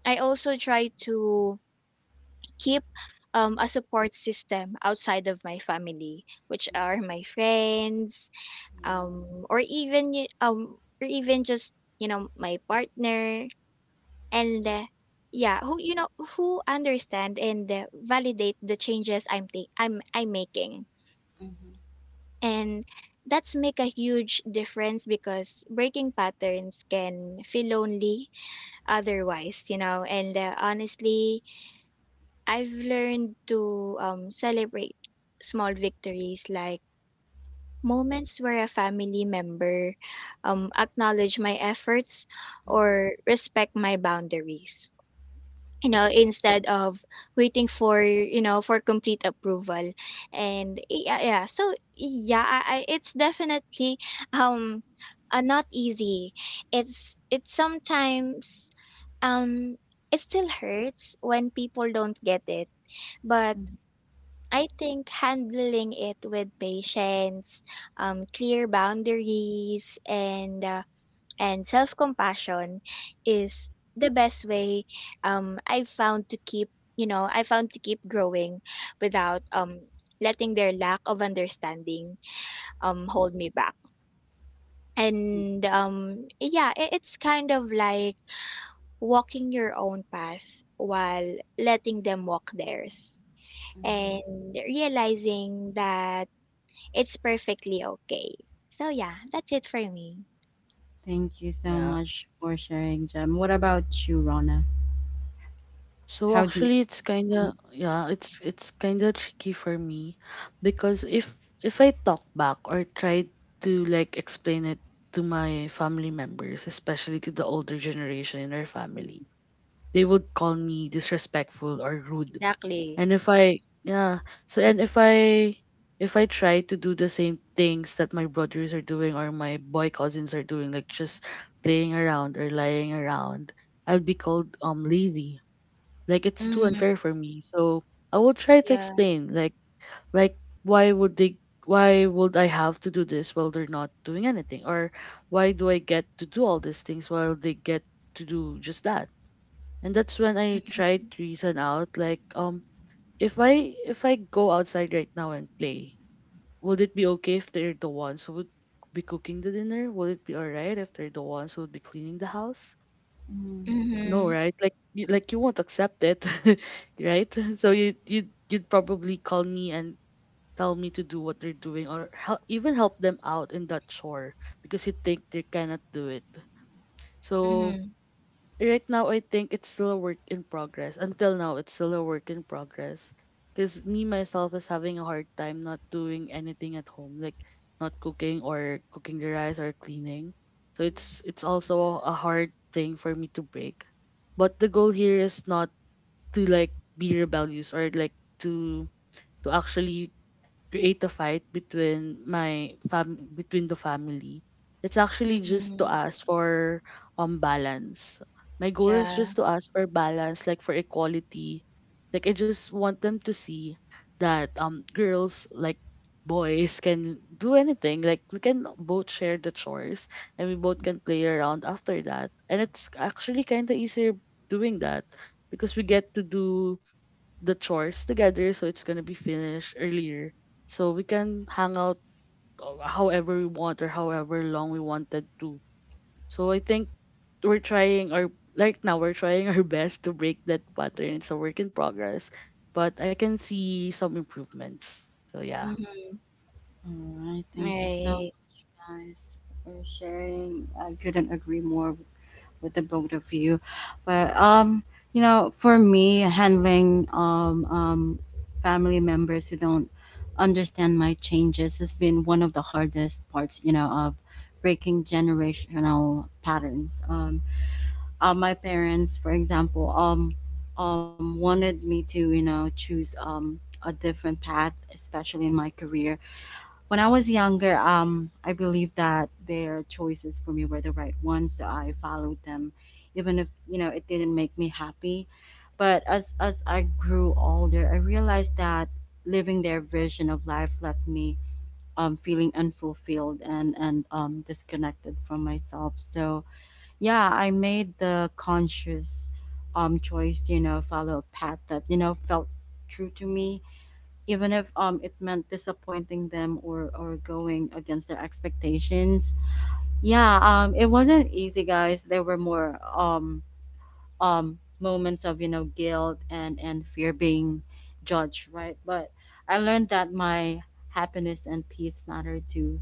Speaker 2: I also try to keep um, a support system outside of my family, which
Speaker 1: mm,
Speaker 2: are my friends,
Speaker 1: yeah,
Speaker 2: um or even y- um or even just, you know, my partner, and uh, yeah, who you know who understand and uh, validate the changes I'm ta- i'm i'm making.
Speaker 1: mhm,
Speaker 2: And that's make a huge difference because breaking patterns can feel lonely otherwise, you know. And uh, Honestly, I've learned to, um, celebrate small victories, like moments where a family member um, acknowledge my efforts
Speaker 1: mhm,
Speaker 2: or respect my boundaries, you know, instead of waiting for, you know, for complete approval. And yeah yeah so yeah I, I, it's definitely, um uh, not easy. it's it's sometimes, um it still hurts when people don't get it, but
Speaker 1: mhm,
Speaker 2: I think handling it with patience, um clear boundaries, and uh, and self-compassion is the best way um I've found to keep, you know I found to keep growing without um letting their lack of understanding um hold me back.
Speaker 1: mm,
Speaker 2: And um Yeah, i- it's kind of like walking your own path while letting them walk theirs,
Speaker 1: mhm.
Speaker 2: and realizing that it's perfectly okay. So yeah, that's it for me.
Speaker 1: Thank you so
Speaker 3: Yeah.
Speaker 1: much for sharing, Jem. What about you, Rona?
Speaker 3: So
Speaker 1: How do you...
Speaker 3: actually it's kinda,
Speaker 1: Mhm,
Speaker 3: yeah, it's it's kinda tricky for me because if if I talk back or try to like explain it to my family members, especially to the older generation in our family, they would call me disrespectful or rude.
Speaker 2: Exactly.
Speaker 3: And if I yeah, so and if I if I try to do the same things that my brothers are doing or my boy cousins are doing, like just playing around or lying around, I'll be called um lazy. Like it's too unfair
Speaker 2: Mm-hmm.
Speaker 3: for me. So I will try to
Speaker 2: Yeah.
Speaker 3: explain, like like why would they, why would I have to do this while they're not doing anything? Or why do I get to do all these things while they get to do just that? And that's when I tried to reason out, like, um if I if I go outside right now and play, would it be okay if they're the ones who would be cooking the dinner? Would it be alright if they're the ones who would be cleaning the house?
Speaker 1: mhm.
Speaker 3: No,
Speaker 2: Mm-hmm.
Speaker 3: right? Like you, like you won't accept it, right? So you you you'd you'd probably call me and tell me to do what they're doing, or help, even help them out in that chore because you think they cannot do it. So
Speaker 2: Mhm,
Speaker 3: right now I think it's still a work in progress. Until now, it's still a work in progress. Because me myself is having a hard time not doing anything at home, like not cooking, or cooking the rice, or cleaning. So it's it's also a hard thing for me to break. But the goal here is not to, like, be rebellious, or like to, to actually create a fight between my fam between the family. It's actually just to
Speaker 2: mhm.
Speaker 3: ask for um balance. My goal is
Speaker 2: Yeah,
Speaker 3: just to ask for balance, like for equality. Like I just want them to see that um girls like boys can do anything. Like we can both share the chores, and we both can play around after that. And it's actually kinda easier doing that because we get to do the chores together so it's gonna be finished earlier so we can hang out, uh, however we want, or however long we wanted to. So I think, we're trying our like, now we're trying our best to break that pattern. It's a work in progress, but I can see some improvements. So yeah,
Speaker 2: mhm,
Speaker 1: All right, thank you so
Speaker 2: right.
Speaker 1: much, guys, for sharing. I couldn't agree more with the both of you. But um, you know, for me, handling um, um family members who don't understand my changes has been one of the hardest parts. You know, of breaking generational patterns. Um, uh, my parents, for example, um, um, wanted me to, you know, choose um a different path, especially in my career. When I was younger, um, I believed that their choices for me were the right ones, so I followed them, even if, you know, it didn't make me happy. But as as I grew older, I realized that living their version of life left me um, feeling unfulfilled and and um, disconnected from myself. So yeah, I made the conscious um, choice to, you know, follow a path that, you know, felt true to me, even if um it meant disappointing them or or going against their expectations. Yeah, um it wasn't easy, guys. There were more um um moments of, you know, guilt and and fear being judged, right? But I learned that my happiness and peace matter too.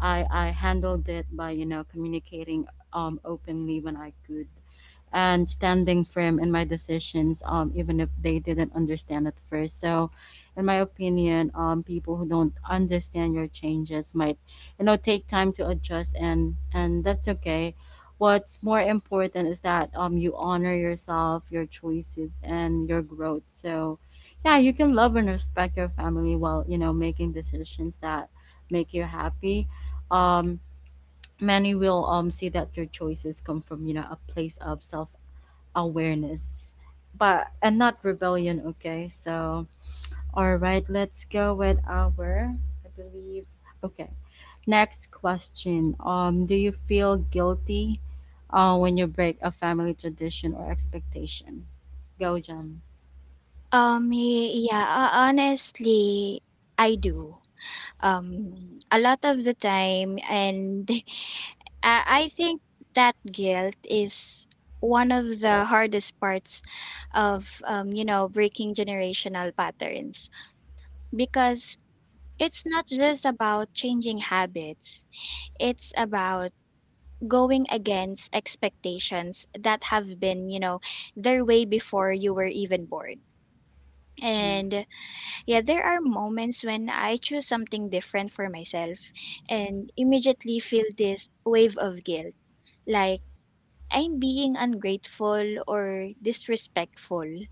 Speaker 1: I i handled it by, you know, communicating um openly when I could, and standing firm in my decisions, um even if they didn't understand at first. So in my opinion, um people who don't understand your changes might, you know, take time to adjust, and and that's okay. What's more important is that um you honor yourself, your choices, and your growth. So yeah, you can love and respect your family while, you know, making decisions that make you happy. um many will um see that your choices come from, you know, a place of self awareness, but and not rebellion. Okay, so all right, let's go with our, I believe. Okay. Next question. Um, do you feel guilty uh, when you break a family tradition or expectation? Go, Jam.
Speaker 2: Um, ye Yeah, ho honestly, I do. Um, a lot of the time, and I I think that guilt is one of the hardest parts of, um, you know, breaking generational patterns, because it's not just about changing habits. It's about going against expectations that have been, you know, their way before you were even born.
Speaker 1: Yeah.
Speaker 2: And yeah, there are moments when I choose something different for myself and immediately feel this wave of guilt. Like, I'm being ungrateful or disrespectful,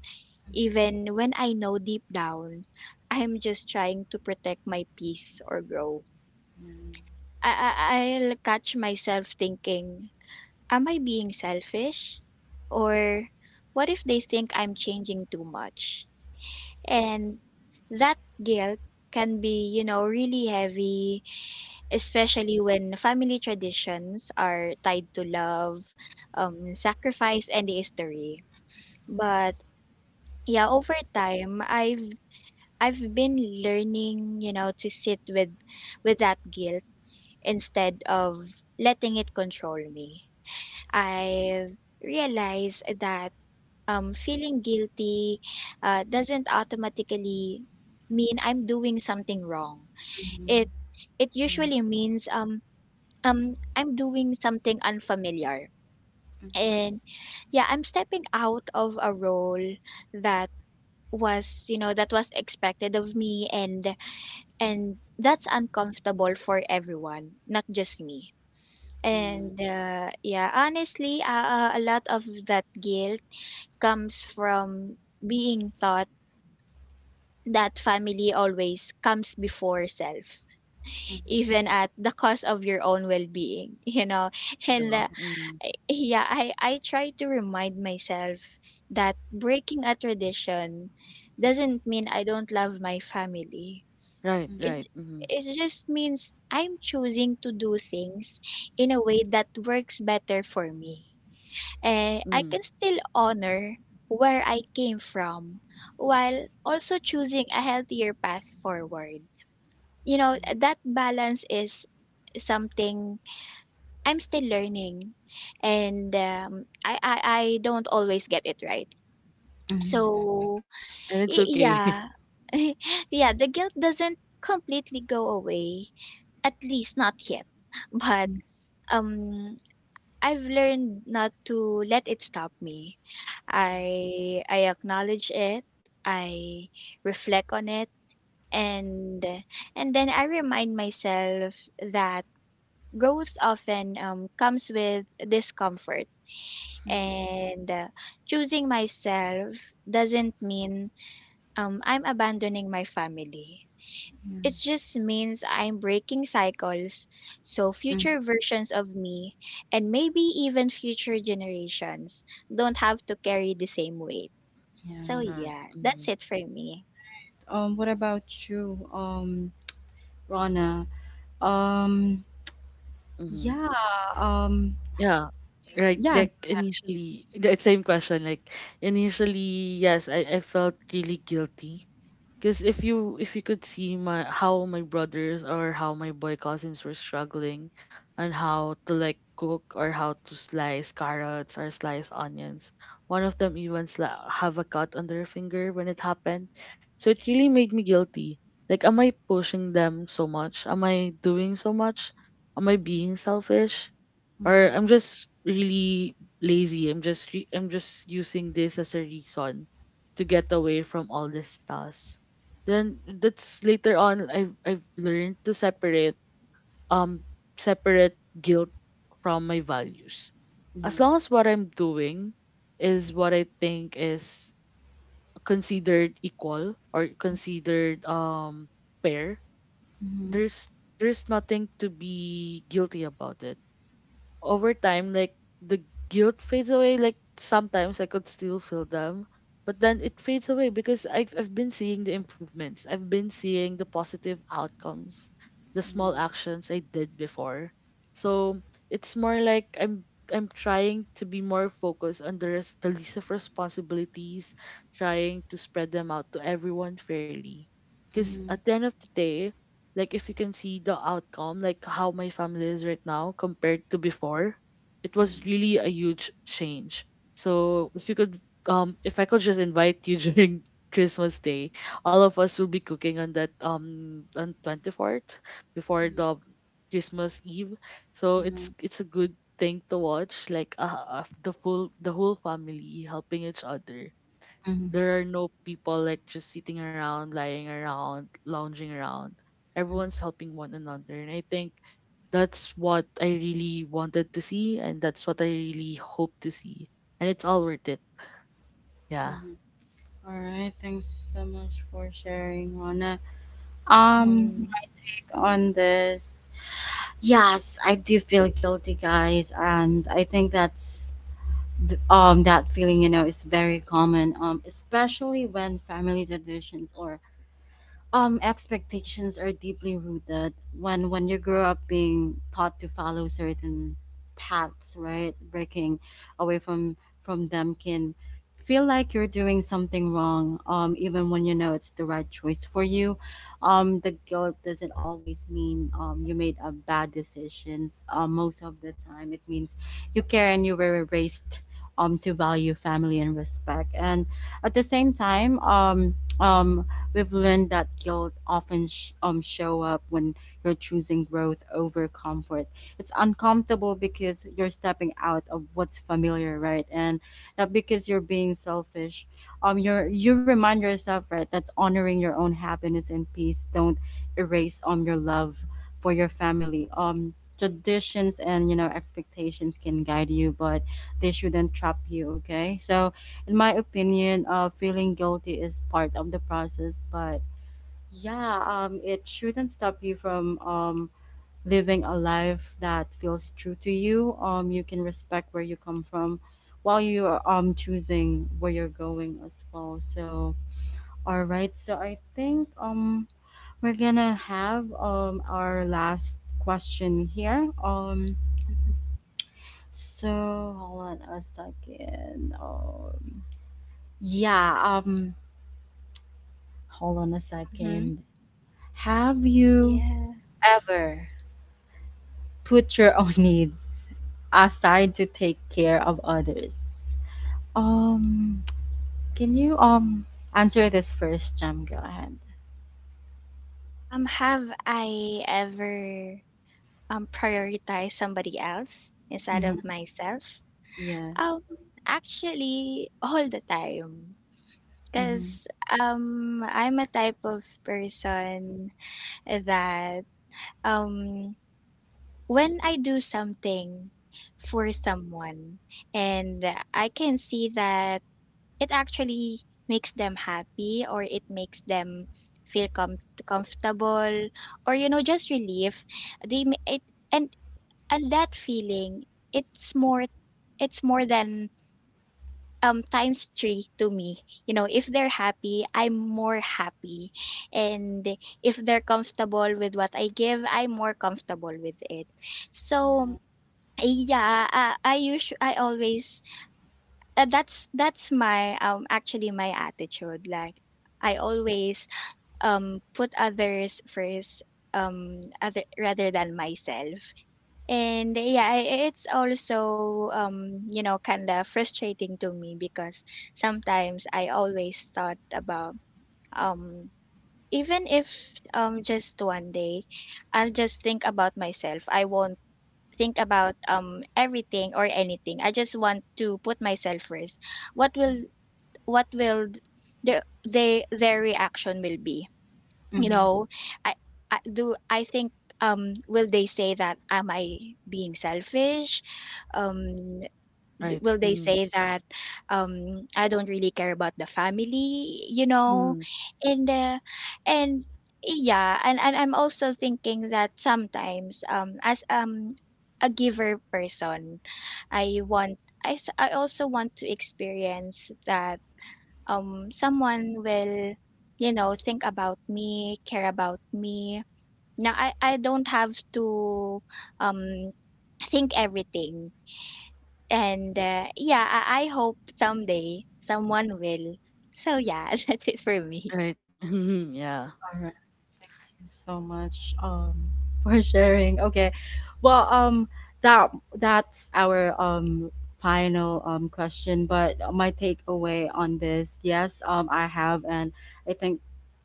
Speaker 2: even when I know deep down I'm just trying to protect my peace or grow.
Speaker 1: Yeah.
Speaker 2: I, I I'll catch myself thinking, am I being selfish? Or what if they think I'm changing too much? And that guilt can be, you know, really heavy, especially when family traditions are tied to love, um, sacrifice, and history. But yeah, over time, I've I've been learning, you know, to sit with with that guilt instead of letting it control me. I've realized that, um, feeling guilty, uh, doesn't automatically mean I'm doing something wrong.
Speaker 1: Mhm.
Speaker 2: It it
Speaker 1: Yeah,
Speaker 2: usually means, um um I'm doing something unfamiliar.
Speaker 1: mhm.
Speaker 2: And yeah, I'm stepping out of a role that was, you know, that was expected of me, and and that's uncomfortable for everyone, not just me.
Speaker 1: Yeah, mhm. Mhm.
Speaker 2: And
Speaker 1: Yeah,
Speaker 2: uh, Yeah, honestly, uh, uh, a lot of that guilt comes from being thought that family always comes before self,
Speaker 1: mhm.
Speaker 2: even at the cost of your own well-being, you know. and
Speaker 3: yeah.
Speaker 2: uh,
Speaker 3: Mm.
Speaker 2: I- yeah, i i try to remind myself that breaking a tradition doesn't mean I don't love my family.
Speaker 3: Right,
Speaker 2: it
Speaker 3: right. Mm-hmm.
Speaker 2: it just means I'm choosing to do things in a way that works better for me, and I
Speaker 3: Mm.
Speaker 2: can still honor where I came from while also choosing a healthier path forward. You know, that balance is something I'm still learning, and um, I, I, I don't always get it right.
Speaker 1: Mhm.
Speaker 2: So,
Speaker 3: And it's
Speaker 2: y-
Speaker 3: okay.
Speaker 2: yeah, yeah, the guilt doesn't completely go away, at least not yet. But um, I've learned not to let it stop me. I I acknowledge it, I reflect on it, and and then I remind myself that growth often, um, comes with discomfort, and uh, choosing myself doesn't mean, um, I'm abandoning my family.
Speaker 1: Mhm.
Speaker 2: It just means I'm breaking cycles so
Speaker 1: Yeah. Mhm.
Speaker 2: future versions of me, and maybe even future generations, don't have to carry the same weight.
Speaker 1: Yeah.
Speaker 2: So yeah, that's
Speaker 3: Mm-hmm.
Speaker 2: it for me.
Speaker 1: Um, what about you, um, Rana? Um,
Speaker 3: Mm-hmm.
Speaker 1: yeah. Um,
Speaker 3: Yeah, right.
Speaker 1: yeah.
Speaker 3: Like initially, the same question. Like initially, yes, I, I felt really guilty. Because if you if you could see my how my brothers or how my boy cousins were struggling on how to like cook, or how to slice carrots or slice onions. One of them even sla- have a cut on their finger when it happened. So it really made me guilty. Like, am I pushing them so much? Am I doing so much? Am I being selfish? Or
Speaker 1: Mhm.
Speaker 3: I'm just really lazy. I'm just re- I'm just using this as a reason to get away from all this tasks. Then that's later on I've I've learned to separate, um separate guilt from my values. As
Speaker 1: Yeah.
Speaker 3: long as what I'm doing is what I think is considered equal, or considered um fair,
Speaker 1: Mhm.
Speaker 3: there's there's nothing to be guilty about it over time. Like, the guilt fades away. Like, sometimes I could still feel them, but then it fades away because I've I've been seeing the improvements. I've been seeing the positive outcomes, the small
Speaker 1: Yeah.
Speaker 3: actions I did before. So it's more like I'm I'm trying to be more focused on the, res- the list of responsibilities, trying to spread them out to everyone fairly. Because
Speaker 1: Mhm.
Speaker 3: at the end of the day, like, if you can see the outcome, like how my family is right now compared to before, it was
Speaker 1: Mhm.
Speaker 3: really a huge change. So if you could, um if I could just invite you during Christmas Day, all of us will be cooking on that um on twenty fourth, before the Christmas Eve. So
Speaker 1: Yeah.
Speaker 3: it's it's a good thing to watch, like, uh, uh, the full the whole family helping each other.
Speaker 1: Mhm. Mhm.
Speaker 3: There are no people like just sitting around, lying around, lounging around.
Speaker 1: Mhm.
Speaker 3: Everyone's helping one another. And I think that's what I really wanted to see, and that's what I really hope to see. And it's all worth it. Yeah.
Speaker 1: Mhm. All right. Thanks so much for sharing, Rona. Um,
Speaker 2: Mhm.
Speaker 1: like on this, yes, I do feel guilty, guys, and I think that's th- um that feeling, you know, is very common. Um, especially when family traditions or Um, expectations are deeply rooted. when when you grow up being taught to follow certain paths, right? Breaking away from from them can feel like you're doing something wrong, um, even when you know it's the right choice for you. Um, the guilt doesn't always mean um, you made a bad decisions. Uh, most of the time, it means you care and you were raised um, to value family and respect. And at the same time, um, um, we've learned that guilt often sh- um show up when you're choosing growth over comfort. It's uncomfortable because you're stepping out of what's familiar, right? And not because you're being selfish. Um, you're you remind yourself, right, that's honoring your own happiness and peace don't erase um your love for your family. Um, traditions and, you know, expectations can guide you, but they shouldn't trap you. Okay, so in my opinion, uh, feeling guilty is part of the process, but yeah, um, it shouldn't stop you from um, living a life that feels true to you. Um, you can respect where you come from while you're um, choosing where you're going as well. So, all right, so I think um, we're gonna have um, our last question here. Um, so hold on a second. Um, yeah, um, hold on a
Speaker 2: Mhm.
Speaker 1: second. Have you
Speaker 2: Yeah.
Speaker 1: ever put your own needs aside to take care of others? Um, can you um answer this first, Jam? Go ahead.
Speaker 2: Um, have I ever, um, prioritized somebody else instead
Speaker 1: Mm-hmm.
Speaker 2: of myself?
Speaker 1: Yes.
Speaker 2: Um, actually, all the time.
Speaker 1: Mm-hmm.
Speaker 2: Because, um, I'm a type of person that, um, when I do something for someone, and I can see that it actually makes them happy, or it makes them feel com- comfortable, or, you know, just relief, they ma- it and and that feeling, it's more it's more than, um, times three to me. You know, if they're happy, I'm more happy, and if they're comfortable with what I give, I'm more comfortable with it. So
Speaker 1: Yeah.
Speaker 2: yeah, i i usually i always, uh, that's that's my, um, actually my attitude. Like, I always, um, put others first, um, other rather than myself. And yeah, I- it's also, um, you know, kind of frustrating to me, because sometimes I always thought about, um, even if, um, just one day I'll just think about myself. I won't think about, um, everything or anything. I just want to put myself first. What will, what will th- the they their reaction will be, you
Speaker 1: Mm-hmm.
Speaker 2: know. i, I do, I think, um, will they say that, am I being selfish, um, d-
Speaker 3: Right.
Speaker 2: will they
Speaker 3: Mm.
Speaker 2: say that, um, I don't really care about the family, you know?
Speaker 3: Mm.
Speaker 2: and uh, and yeah, and, and I'm also thinking that sometimes, um, as, um, a giver person, I want, i, s- I also want to experience that, um, someone will, you know, think about me, care about me. Now i i don't have to, um, think everything. And uh, Yeah, I, I hope someday someone will. So yeah, that's it for me.
Speaker 3: Right.
Speaker 1: All right.
Speaker 3: Yeah.
Speaker 1: Thank you so much um for sharing. Okay. Well, um, that that's our um final um question. But my takeaway on this, yes, um, I have, and I think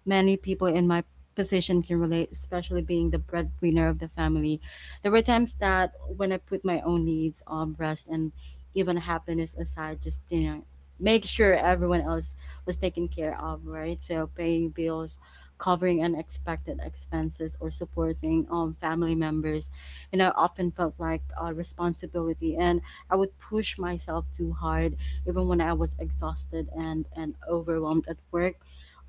Speaker 1: many people in my position can relate, especially being the breadwinner of the family. There were times that when I put my own needs, um, rest, and even happiness aside, just, you know, make sure everyone else was taken care of, right? So paying bills, covering unexpected expenses, or supporting um family members, you know, often felt like a responsibility, and I would push myself too hard even when I was exhausted and and overwhelmed at work.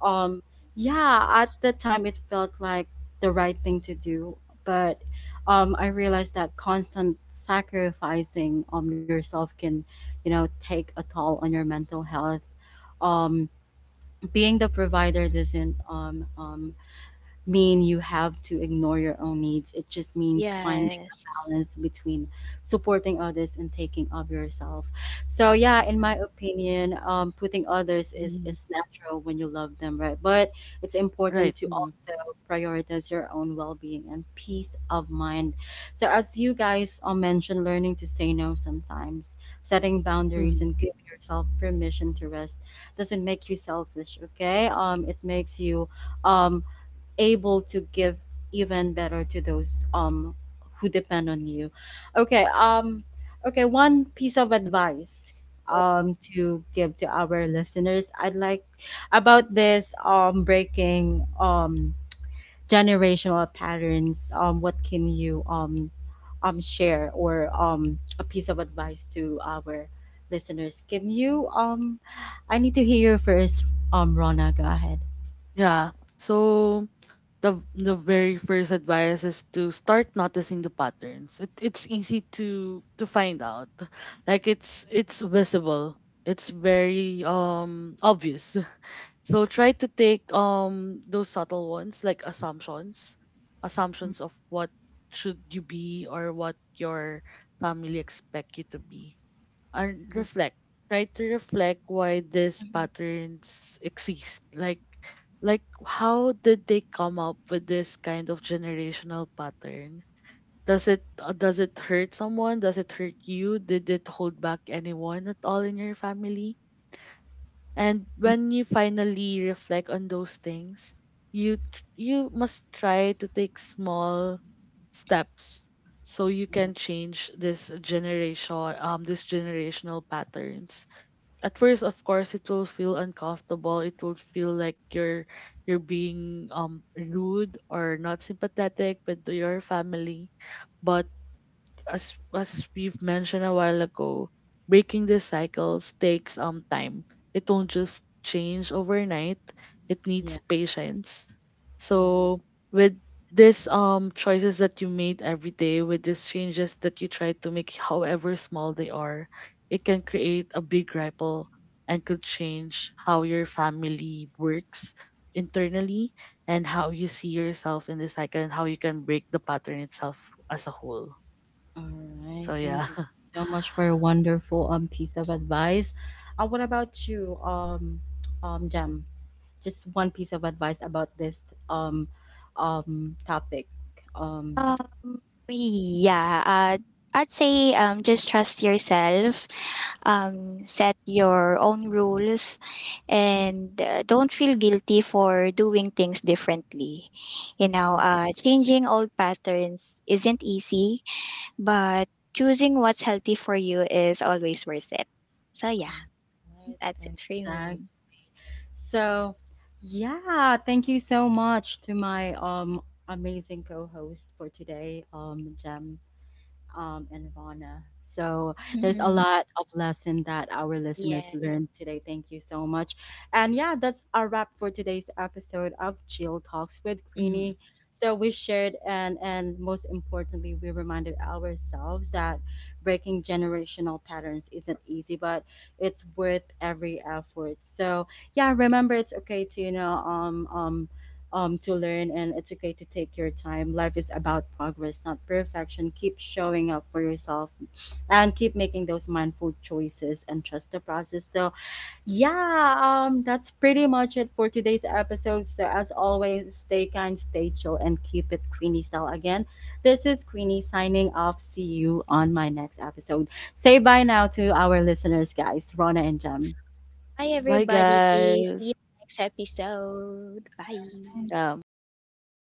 Speaker 1: um yeah, at the time it felt like the right thing to do, but um I realized that constant sacrificing um yourself can, you know, take a toll on your mental health. um being the provider doesn't um um mean you have to ignore your own needs. It just means find
Speaker 2: Yes.
Speaker 1: balance between supporting others and taking of yourself. So yeah, in my opinion, um, putting others is
Speaker 3: Mm.
Speaker 1: is natural when you love them, right? But it's
Speaker 3: Right.
Speaker 1: important to
Speaker 3: Mm.
Speaker 1: also prioritize your own well-being and peace of mind. So as you guys uh, mentioned, learning to say no sometimes, setting boundaries,
Speaker 3: Mm.
Speaker 1: and give yourself permission to rest doesn't make you selfish. Okay, um, it makes you um able to give even better to those um who depend on you. Okay, um okay, one piece of advice um to give to our listeners. I'd like about this um breaking um generational patterns. Um what can you um um share or um a piece of advice to our listeners? Can you um I need to hear you first, um Rona, go ahead.
Speaker 3: Yeah. So the the very first advice is to start noticing the patterns. It, it's easy to to find out. Like it's it's visible. It's very um obvious. So try to take um those subtle ones like assumptions,
Speaker 1: Mm,
Speaker 3: assumptions of what should you be, or what your family expect you to be. And
Speaker 1: mm,
Speaker 3: reflect. Try to reflect why these
Speaker 2: Mhm.
Speaker 3: patterns exist. Like like, how did they come up with this kind of generational pattern? Does it, uh, does it hurt someone? Does it hurt you? Did it hold back anyone at all in your family? And
Speaker 1: mm.
Speaker 3: when you finally reflect on those things, you tr- you must try to take small steps so you
Speaker 1: Yeah.
Speaker 3: can change this generation um this generational patterns. At first, of course, it will feel uncomfortable. It will feel like you're you're being um rude or not sympathetic with your family. But as as we've mentioned a while ago, breaking these cycles takes um time. It won't just change overnight. It needs
Speaker 1: Yeah.
Speaker 3: patience. So
Speaker 1: Mm-hmm.
Speaker 3: with this, um choices that you made every day, with these changes that you try to make, however small they are, it can create a big ripple and could change how your family works internally, and how you see yourself in the cycle, and how you can break the pattern itself as a whole.
Speaker 1: All right.
Speaker 3: So
Speaker 1: Thank
Speaker 3: yeah.
Speaker 1: you so much for your wonderful um piece of advice. Uh, what about you, um, um, Jam? Just one piece of advice about this um, um topic. Um,
Speaker 2: Um, yeah, uh, I'd say, um, just trust yourself, um, set your own rules, and uh, don't feel guilty for doing things differently. You know,
Speaker 1: Mm.
Speaker 2: uh, changing old patterns isn't easy, but choosing what's healthy for you is always worth it. So, yeah,
Speaker 1: All
Speaker 2: that's
Speaker 1: right.
Speaker 2: it for
Speaker 1: Exact.
Speaker 2: me.
Speaker 1: So, yeah. Thank you so much to my um amazing co-host for today, um, Jam. um, and Rana. So there's a
Speaker 2: Mm-hmm.
Speaker 1: lot of lesson that our listeners
Speaker 2: Yeah.
Speaker 1: learned today. Thank you so much. And yeah, that's our wrap for today's episode of Jill Talks with
Speaker 3: Mhm.
Speaker 1: Queenie. So we shared and and most importantly, we reminded ourselves that breaking generational patterns isn't easy, but it's worth every effort. So yeah, remember, it's okay to, you know, um um um, to learn, and it's okay to take your time. Life is about progress, not perfection. Keep showing up for yourself and keep making those mindful choices and trust the process. So, yeah, um, that's pretty much it for today's episode. So, as always, stay kind, stay chill, and keep it Queenie style again. This is Queenie signing off. See you on my next episode. Say bye now to our listeners, guys, Rona and Jem.
Speaker 2: Bye,
Speaker 3: Bye,
Speaker 2: everybody. See you
Speaker 3: guys.
Speaker 2: next episode. Bye.
Speaker 3: Yeah, bye-bye.